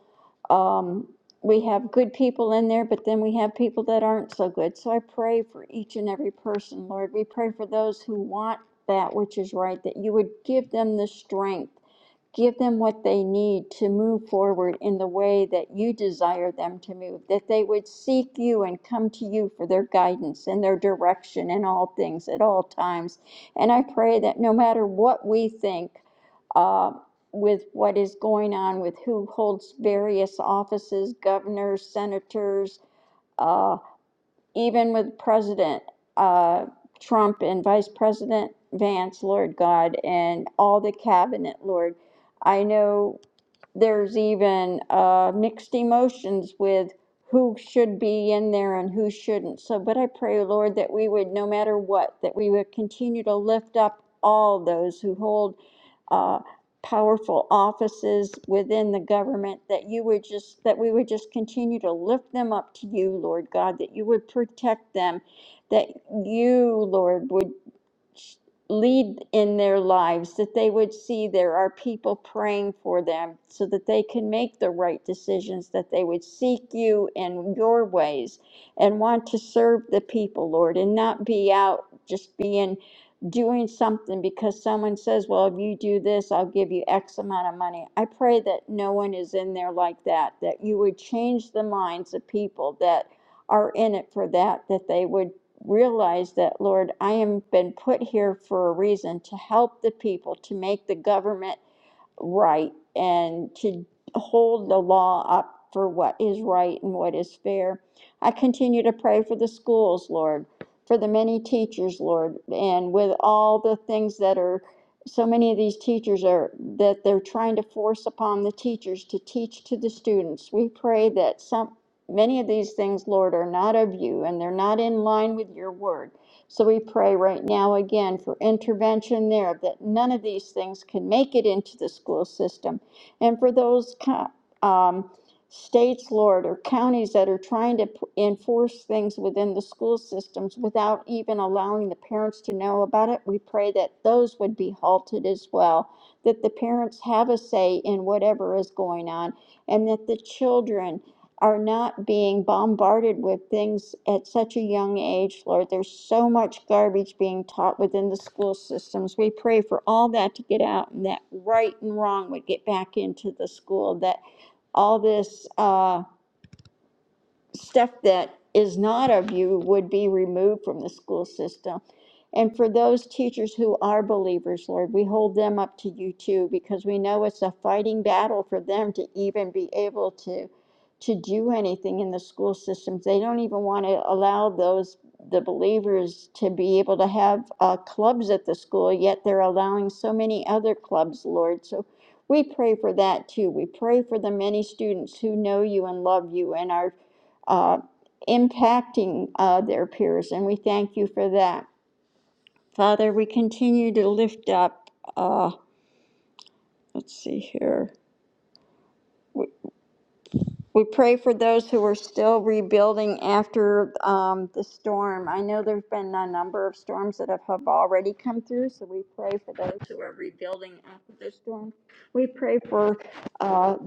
D: um, we have good people in there, but then we have people that aren't so good. So I pray for each and every person, Lord. We pray for those who want that which is right, that you would give them the strength, give them what they need to move forward in the way that you desire them to move, that they would seek you and come to you for their guidance and their direction in all things at all times and I pray that no matter what we think uh, with what is going on with who holds various offices, governors, senators, uh, even with President uh, Trump and Vice President Vance, Lord God, and all the cabinet, Lord, I know there's even uh, mixed emotions with who should be in there and who shouldn't. So, but I pray, Lord, that we would, no matter what, that we would continue to lift up all those who hold uh, powerful offices within the government, that you would just, that we would just continue to lift them up to you, Lord God, that you would protect them, that you, Lord, would lead in their lives, that they would see there are people praying for them so that they can make the right decisions, that they would seek you in your ways and want to serve the people, Lord, and not be out just being doing something because someone says, Well, if you do this, I'll give you X amount of money. I pray that no one is in there like that, that you would change the minds of people that are in it for that, that they would realize that, Lord, I am been put here for a reason to help the people, to make the government right and to hold the law up for what is right and what is fair. I continue to pray for the schools, Lord, for the many teachers, Lord, and with all the things that are so many of these teachers are that they're trying to force upon the teachers to teach to the students. We pray that some many of these things, Lord, are not of you and they're not in line with your word. So we pray right now again for intervention there that none of these things can make it into the school system. And for those um, states, Lord, or counties that are trying to p- enforce things within the school systems without even allowing the parents to know about it, we pray that those would be halted as well, that the parents have a say in whatever is going on, and that the children are not being bombarded with things at such a young age, Lord. There's so much garbage being taught within the school systems. We pray for all that to get out and that right and wrong would get back into the school, that all this. uh stuff that is not of you would be removed from the school system. And for those teachers who are believers, Lord, we hold them up to you too, because we know it's a fighting battle for them to even be able to to do anything in the school systems. They don't even want to allow those the believers to be able to have uh, clubs at the school, yet they're allowing so many other clubs, Lord. So we pray for that too. We pray for the many students who know you and love you and are uh, impacting uh, their peers, and we thank you for that. Father, we continue to lift up, uh, let's see here, We pray for those who are still rebuilding after um, the storm. I know there's been a number of storms that have, have already come through, so we pray for those who are rebuilding after the storm. We pray for uh,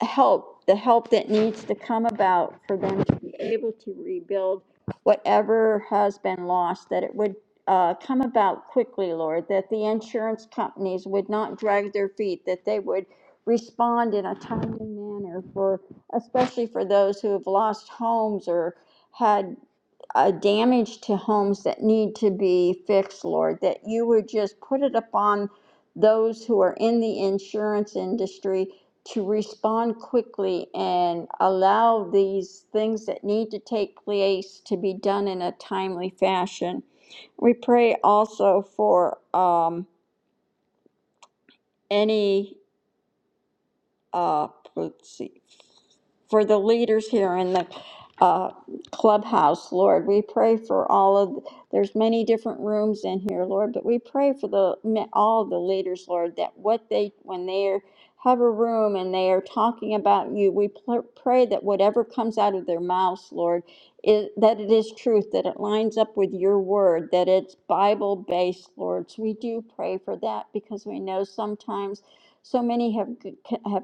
D: help, the help that needs to come about for them to be able to rebuild whatever has been lost, that it would uh, come about quickly, Lord, that the insurance companies would not drag their feet, that they would respond in a timely manner for especially for those who have lost homes or had uh, damage to homes that need to be fixed, Lord, that you would just put it upon those who are in the insurance industry to respond quickly and allow these things that need to take place to be done in a timely fashion. We pray also for um, any uh, let's see, for the leaders here in the uh, clubhouse, Lord. We pray for all of, there's many different rooms in here, Lord, but we pray for the all the leaders, Lord, that what they, when they are, have a room and they are talking about you, we pl- pray that whatever comes out of their mouths, Lord, is, that it is truth, that it lines up with your word, that it's Bible based, Lord. So we do pray for that because we know sometimes so many have have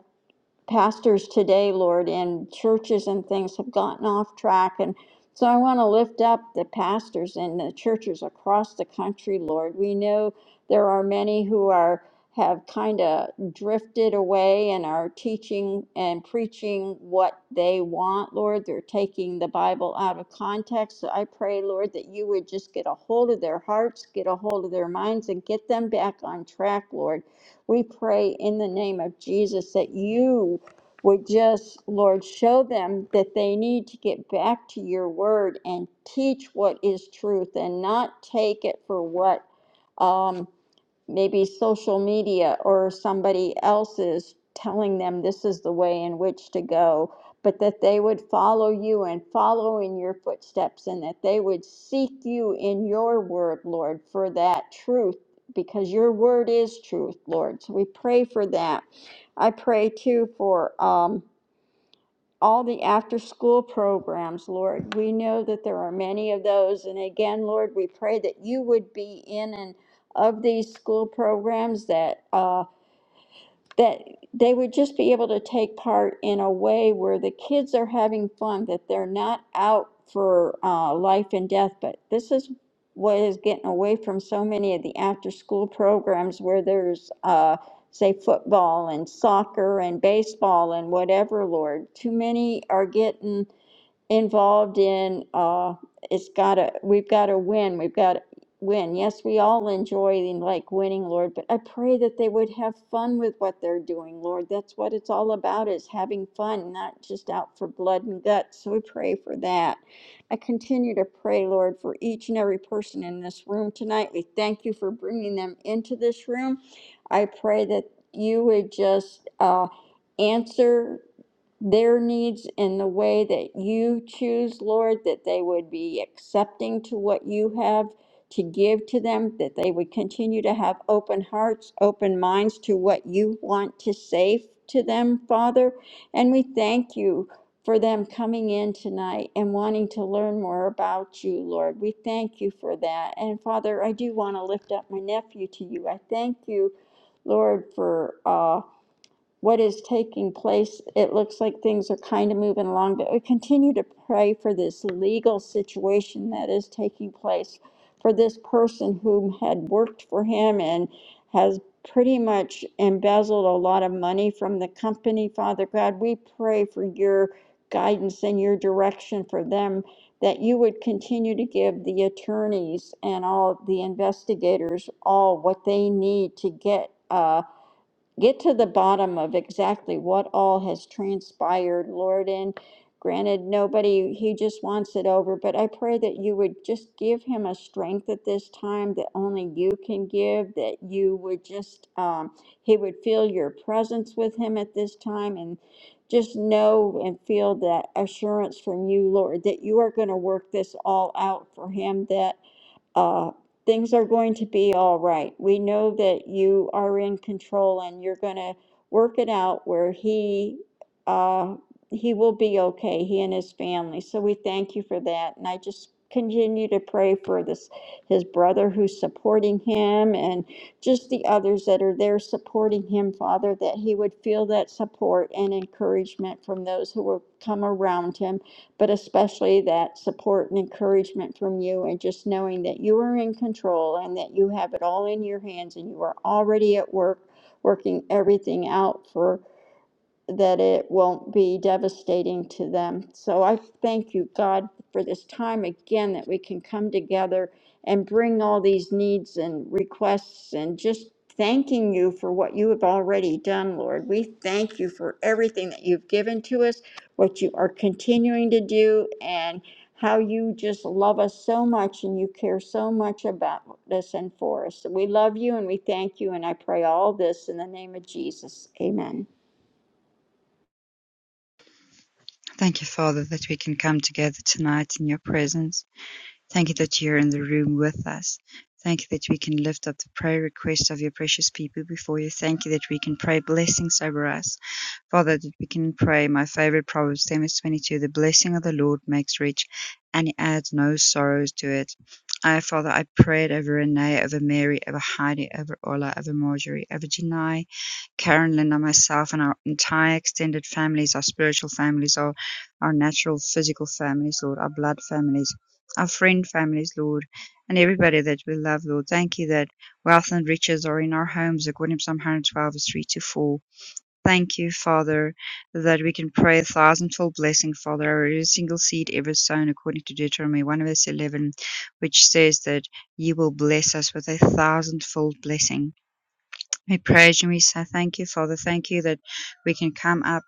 D: pastors today, Lord, and churches and things have gotten off track. And so I want to lift up the pastors and the churches across the country, Lord. We know there are many who are have kind of drifted away and are teaching and preaching what they want, Lord. They're taking the Bible out of context. So I pray, Lord, that you would just get a hold of their hearts, get a hold of their minds, and get them back on track, Lord we pray in the name of Jesus that you would just, Lord, show them that they need to get back to your word and teach what is truth and not take it for what. um, maybe social media or somebody else's telling them this is the way in which to go, but that they would follow you and follow in your footsteps and that they would seek you in your word, Lord, for that truth, because your word is truth, Lord. So we pray for that. I pray too for um, all the after-school programs, Lord. We know that there are many of those. And again, Lord, we pray that you would be in and of these school programs that uh, that they would just be able to take part in a way where the kids are having fun, that they're not out for uh, life and death. But this is what is getting away from so many of the after school programs where there's, uh, say, football and soccer and baseball and whatever, Lord. Too many are getting involved in uh it's gotta we've gotta win we've gotta win yes we all enjoy like winning lord but i pray that they would have fun with what they're doing lord that's what it's all about is having fun not just out for blood and guts so we pray for that i continue to pray lord for each and every person in this room tonight we thank you for bringing them into this room i pray that you would just uh answer their needs in the way that you choose, Lord, that they would be accepting to what you have to give to them, that they would continue to have open hearts, open minds to what you want to say to them, Father. And we thank you for them coming in tonight and wanting to learn more about you, Lord. We thank you for that. And Father, I do want to lift up my nephew to you. I thank you, Lord, for. Uh, what is taking place. It looks like things are kind of moving along, but we continue to pray for this legal situation that is taking place for this person who had worked for him and has pretty much embezzled a lot of money from the company. Father God, we pray for your guidance and your direction for them that you would continue to give the attorneys and all the investigators all what they need to get. uh, get to the bottom of exactly what all has transpired, Lord. And granted, nobody, he just wants it over, but I pray that you would just give him a strength at this time that only you can give, that you would just, um, he would feel your presence with him at this time and just know and feel that assurance from you, Lord, that you are going to work this all out for him, That uh, things are going to be all right. We know that you are in control and you're going to work it out where he uh, he will be okay, he and his family. So we thank you for that. And I just continue to pray for this his brother who's supporting him and just the others that are there supporting him, Father, that he would feel that support and encouragement from those who will come around him but especially that support and encouragement from you and just knowing that you are in control and that you have it all in your hands and you are already at work working everything out for that it won't be devastating to them. So I thank you, God, for this time again that we can come together and bring all these needs and requests and just thanking you for what you have already done, Lord. We thank you for everything that you've given to us, what you are continuing to do, and how you just love us so much and you care so much about us and for us. We love you and we thank you, and I pray all this in the name of Jesus. Amen.
B: Thank you, Father, that we can come together tonight in your presence. Thank you that you're in the room with us. Thank you that we can lift up the prayer requests of your precious people before you. Thank you that we can pray blessings over us. Father, that we can pray my favorite Proverbs, Amos 22, the blessing of the Lord makes rich and he adds no sorrows to it. I, Father, I prayed over Renee, over Mary, over Heidi, over Ola, over Marjorie, over Janai, Karen, Linda, myself and our entire extended families, our spiritual families, our, our natural physical families, Lord, our blood families, our friend families, Lord, and everybody that we love, Lord. Thank you that wealth and riches are in our homes, according to Psalm 112, verse 3 to 4. Thank you, Father, that we can pray a thousandfold blessing, Father, over every single seed ever sown, according to Deuteronomy 1 verse 11, which says that you will bless us with a thousandfold blessing. We praise you. We say thank you, Father. Thank you that we can come up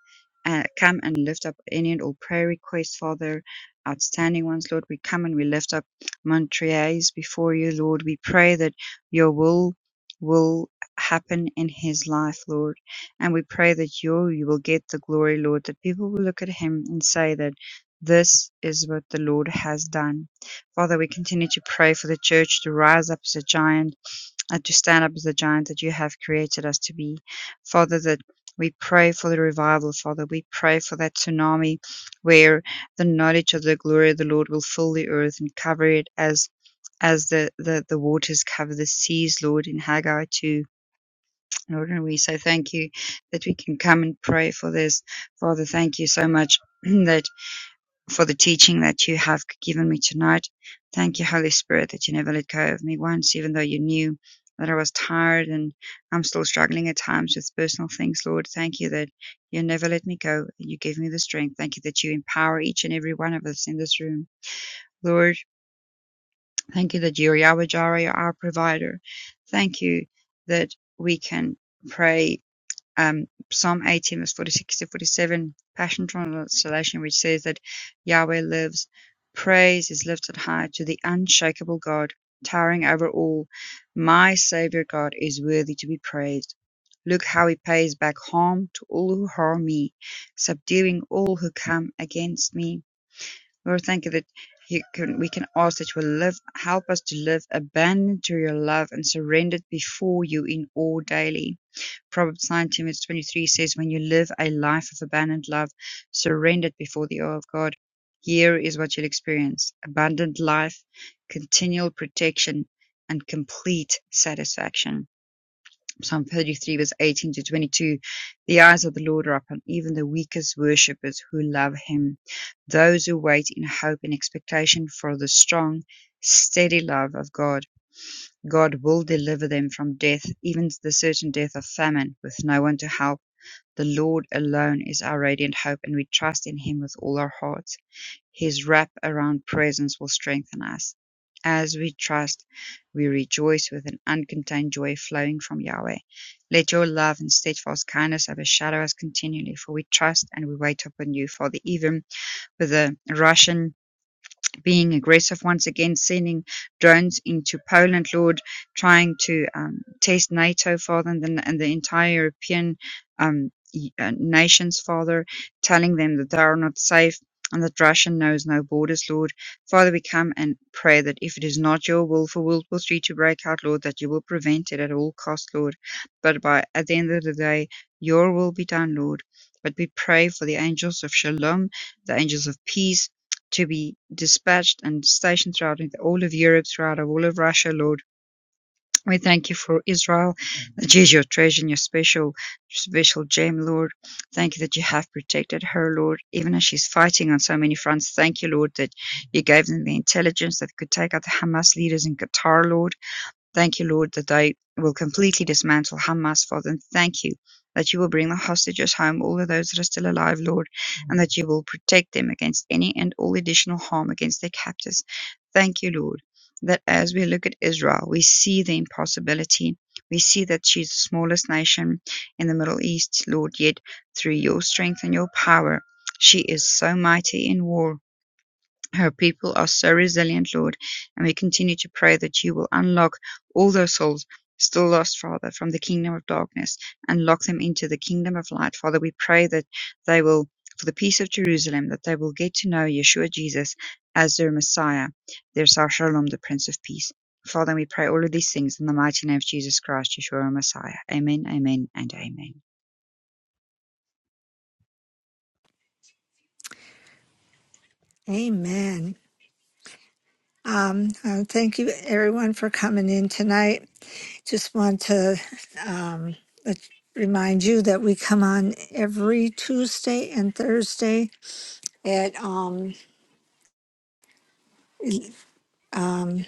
B: and come and lift up any and all prayer requests, Father. Outstanding ones, Lord. We come and we lift up Montrese before you, Lord. We pray that your will will happen in his life, Lord. And we pray that you you will get the glory, Lord, that people will look at him and say that this is what the Lord has done. Father, we continue to pray for the church to rise up as a giant and to stand up as the giant that you have created us to be. Father, that we pray for the revival, Father. We pray for that tsunami where the knowledge of the glory of the Lord will fill the earth and cover it as as the, the, the waters cover the seas, Lord, in Haggai 2. Lord, and we say thank you that we can come and pray for this. Father, thank you so much that for the teaching that you have given me tonight. Thank you, Holy Spirit, that you never let go of me once, even though you knew that I was tired and I'm still struggling at times with personal things, Lord. Thank you that you never let me go. You gave me the strength. Thank you that you empower each and every one of us in this room. Lord, thank you that you're Yahweh Jireh, our provider. Thank you that we can pray um, Psalm 18, verse 46 to 47, Passion Translation, which says that Yahweh lives, praise is lifted high to the unshakable God, towering over all. My Savior God is worthy to be praised. Look how he pays back harm to all who harm me, subduing all who come against me. Lord, thank you that you can, we can ask that you will live, help us to live abandoned to your love and surrendered before you in all daily. Proverbs nineteen, verse twenty-three says, "When you live a life of abandoned love, surrendered before the awe of God, here is what you'll experience: abundant life, continual protection, and complete satisfaction." Psalm thirty-three was eighteen to twenty-two. The eyes of the Lord are upon even the weakest worshippers who love Him, those who wait in hope and expectation for the strong, steady love of God. God will deliver them from death, even the certain death of famine, with no one to help. The Lord alone is our radiant hope, and we trust in Him with all our hearts. His wrap around presence will strengthen us. As we trust, we rejoice with an uncontained joy flowing from Yahweh. Let your love and steadfast kindness overshadow us continually, for we trust and we wait upon you. Father, even with the Russian being aggressive once again, sending drones into Poland, Lord, trying to um, test NATO, Father, and the, and the entire European um, y- uh, nations, Father, telling them that they are not safe. And that Russia knows no borders, Lord. Father, we come and pray that if it is not your will for World War III to break out, Lord, that you will prevent it at all costs, Lord. But by at the end of the day, your will be done, Lord. But we pray for the angels of shalom, the angels of peace, to be dispatched and stationed throughout the all of Europe, throughout all of Russia, Lord. We thank you for Israel, that is your treasure and your special, special gem, Lord. Thank you that you have protected her, Lord, even as she's fighting on so many fronts. Thank you, Lord, that you gave them the intelligence that could take out the Hamas leaders in Qatar, Lord. Thank you, Lord, that I will completely dismantle Hamas, Father. And thank you that you will bring the hostages home, all of those that are still alive, Lord, and that you will protect them against any and all additional harm against their captors. Thank you, Lord, that as we look at Israel, we see the impossibility. We see that she's the smallest nation in the Middle East, Lord, yet through your strength and your power, she is so mighty in war her people are so resilient, Lord, and we continue to pray that you will unlock all those souls still lost, Father, from the kingdom of darkness and lock them into the kingdom of light. Father, we pray that they will, for the peace of Jerusalem, that they will get to know Yeshua Jesus as their Messiah, their Sar Shalom, the Prince of Peace. Father, we pray all of these things in the mighty name of Jesus Christ, Yeshua, our Messiah. Amen, amen, and amen.
C: Amen. Um, uh, thank you, everyone, for coming in tonight. Just want to um, let- remind you that we come on every Tuesday and Thursday at um, Um,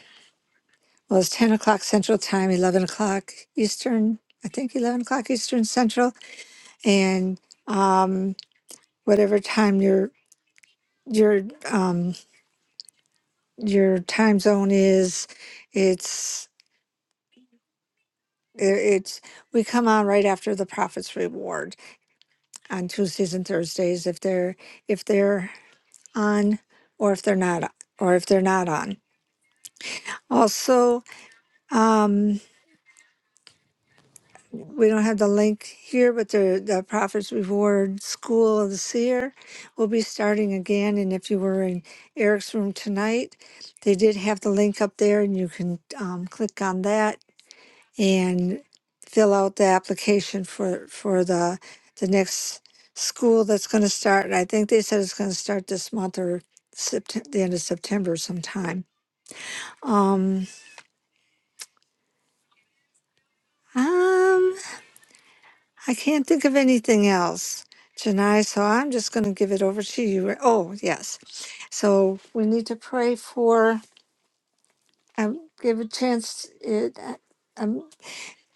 C: well, it's 10 o'clock Central Time, 11 o'clock Eastern, I think 11 o'clock Eastern Central, and um, whatever time your your um, your time zone is, it's i- it's we come on right after the Prophet's Reward on Tuesdays and Thursdays if they're if they're on or if they're not or if they're not on. Also, um, we don't have the link here, but the, the Prophet's Reward School of the Seer will be starting again. And if you were in Eric's room tonight, they did have the link up there, and you can um, click on that and fill out the application for for the the next school that's going to start. And I think they said it's going to start this month or September, the end of September sometime. Um, um, I can't think of anything else, Janai, so I'm just going to give it over to you. Oh, yes. So we need to pray for, um, give a chance. It, uh, um,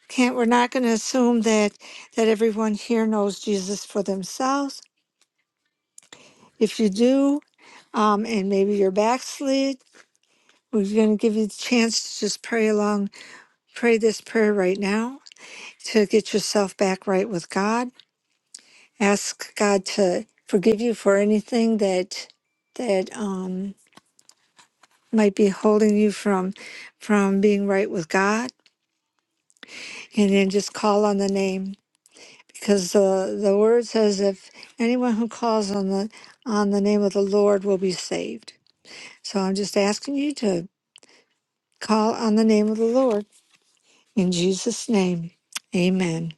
C: can't, we're not going to assume that, that everyone here knows Jesus for themselves. If you do, um, and maybe you're backslid, we're going to give you the chance to just pray along, pray this prayer right now to get yourself back right with God. ask God to forgive you for anything that that um, might be holding you from from being right with God, and then just call on the name because the the word says if anyone who calls on the on the name of the Lord will be saved. So I'm just asking you to call on the name of the Lord in Jesus' name, Amen.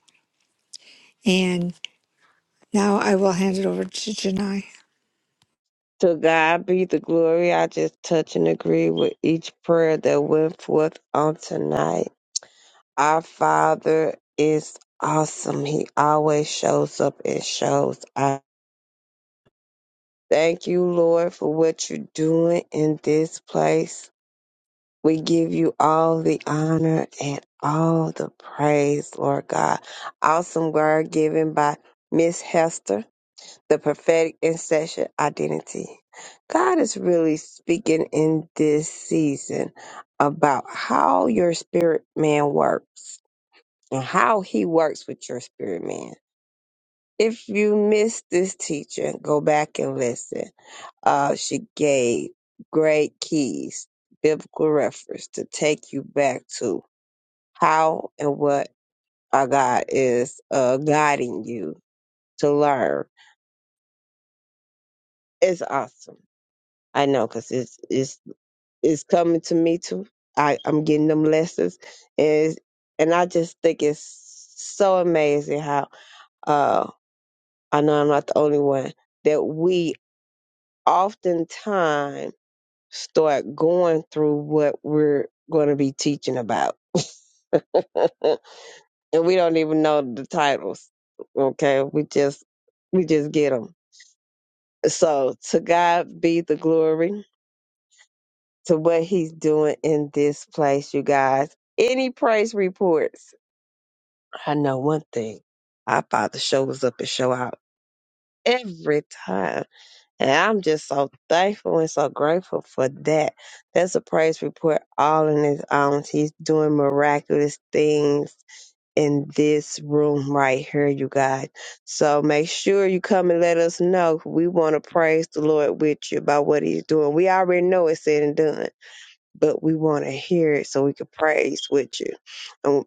C: And now I will hand it over to Janai.
A: To God be the glory. I just touch and agree with each prayer that went forth on tonight. Our Father is awesome. He always shows up and shows up. Thank you, Lord, for what you're doing in this place. We give you all the honor and all the praise, Lord God. Awesome word given by Miss Hester, the prophetic intercession identity. God is really speaking in this season about how your spirit man works and how he works with your spirit man. If you missed this teaching, go back and listen. Uh, she gave great keys, biblical reference to take you back to how and what our God is uh, guiding you to learn. It's awesome. I know because it's it's it's coming to me too. I I'm getting them lessons, and and I just think it's so amazing how uh I know I'm not the only one that we oftentimes start going through what we're going to be teaching about and we don't even know the titles okay we just we just get them so to god be the glory to what he's doing in this place you guys any praise reports i know one thing our father shows up and show out every time And I'm just so thankful and so grateful for that. That's a praise report all in his own. He's doing miraculous things in this room right here, you guys. So make sure you come and let us know. We want to praise the Lord with you about what he's doing. We already know it's said and done, but we want to hear it so we can praise with you. And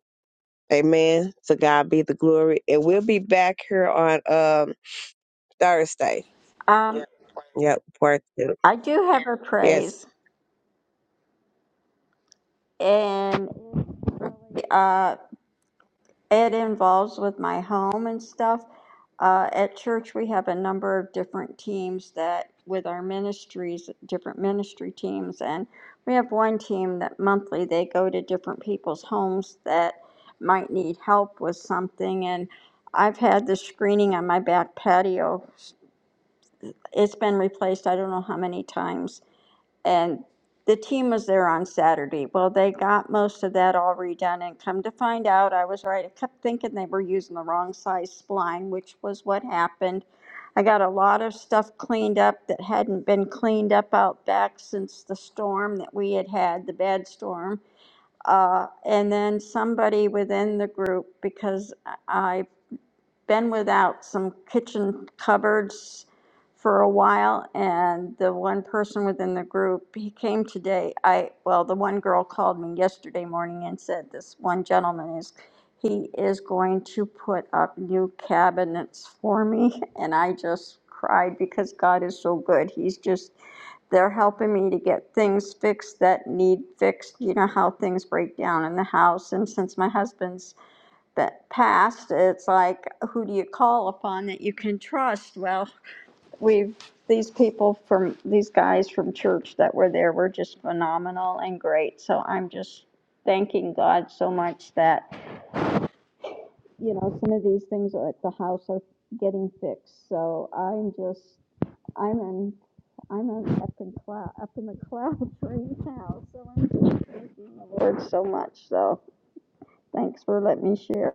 A: amen. To God be the glory. And we'll be back here on um Thursday.
D: Um,
A: Yep, part two.
D: I do have a
A: Yes.
D: praise, and uh, it involves with my home and stuff. Uh, at church, we have a number of different teams that, with our ministries, different ministry teams, and we have one team that monthly they go to different people's homes that might need help with something. And I've had the screening on my back patio. It's been replaced I don't know how many times And the team was there on Saturday. Well, they got most of that all redone, and come to find out, I was right. I kept thinking they were using the wrong size spline, which was what happened. I got a lot of stuff cleaned up that hadn't been cleaned up out back since the storm that we had had, the bad storm. Uh, and then somebody within the group, because I been without some kitchen cupboards for a while and the one person within the group he came today i well the one girl called me yesterday morning and said this one gentleman is he is going to put up new cabinets for me and i just cried because god is so good he's just they're helping me to get things fixed that need fixed you know how things break down in the house and since my husband's that passed, it's like, who do you call upon that you can trust? Well, we've, these people from, these guys from church that were there were just phenomenal and great. So I'm just thanking God so much that, you know, some of these things at the house are getting fixed. So I'm just, I'm in, I'm in up in cloud, up in the clouds right now. So I'm just thanking the Lord so much. So thanks for letting me share.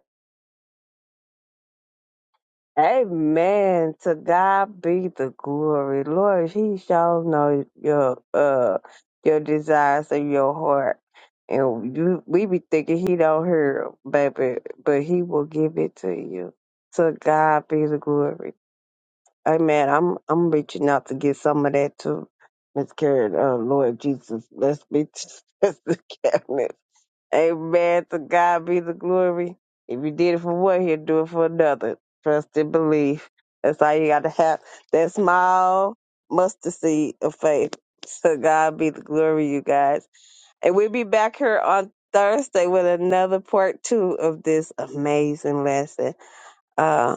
A: Amen. To God be the glory. Lord, He shall know your uh your desires of your heart. And you, we be thinking he don't hear 'em, baby, but he will give it to you. To God be the glory. Amen. I'm I'm reaching out to get some of that too. Miss Karen, uh, Lord Jesus, let's be let's Amen. To God be the glory. If you did it for one, he'll do it for another. Trust and believe. That's all you got to have. That small mustard seed of faith. To God be the glory, you guys. And we'll be back here on Thursday with another part two of this amazing lesson. Uh,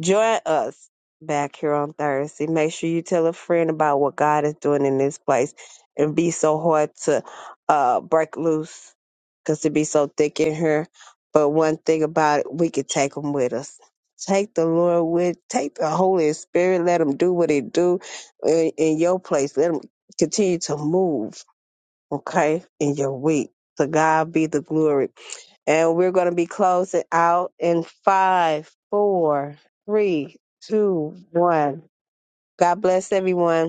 A: join us back here on Thursday. Make sure you tell a friend about what God is doing in this place and be so hard to uh, break loose because it be so thick in here. But one thing about it, we could take them with us. Take the Lord with, take the Holy Spirit. Let him do what he do in, in your place. Let him continue to move okay, in your week. To God be the glory. And we're going to be closing out in five, four, three, two, one. God bless everyone.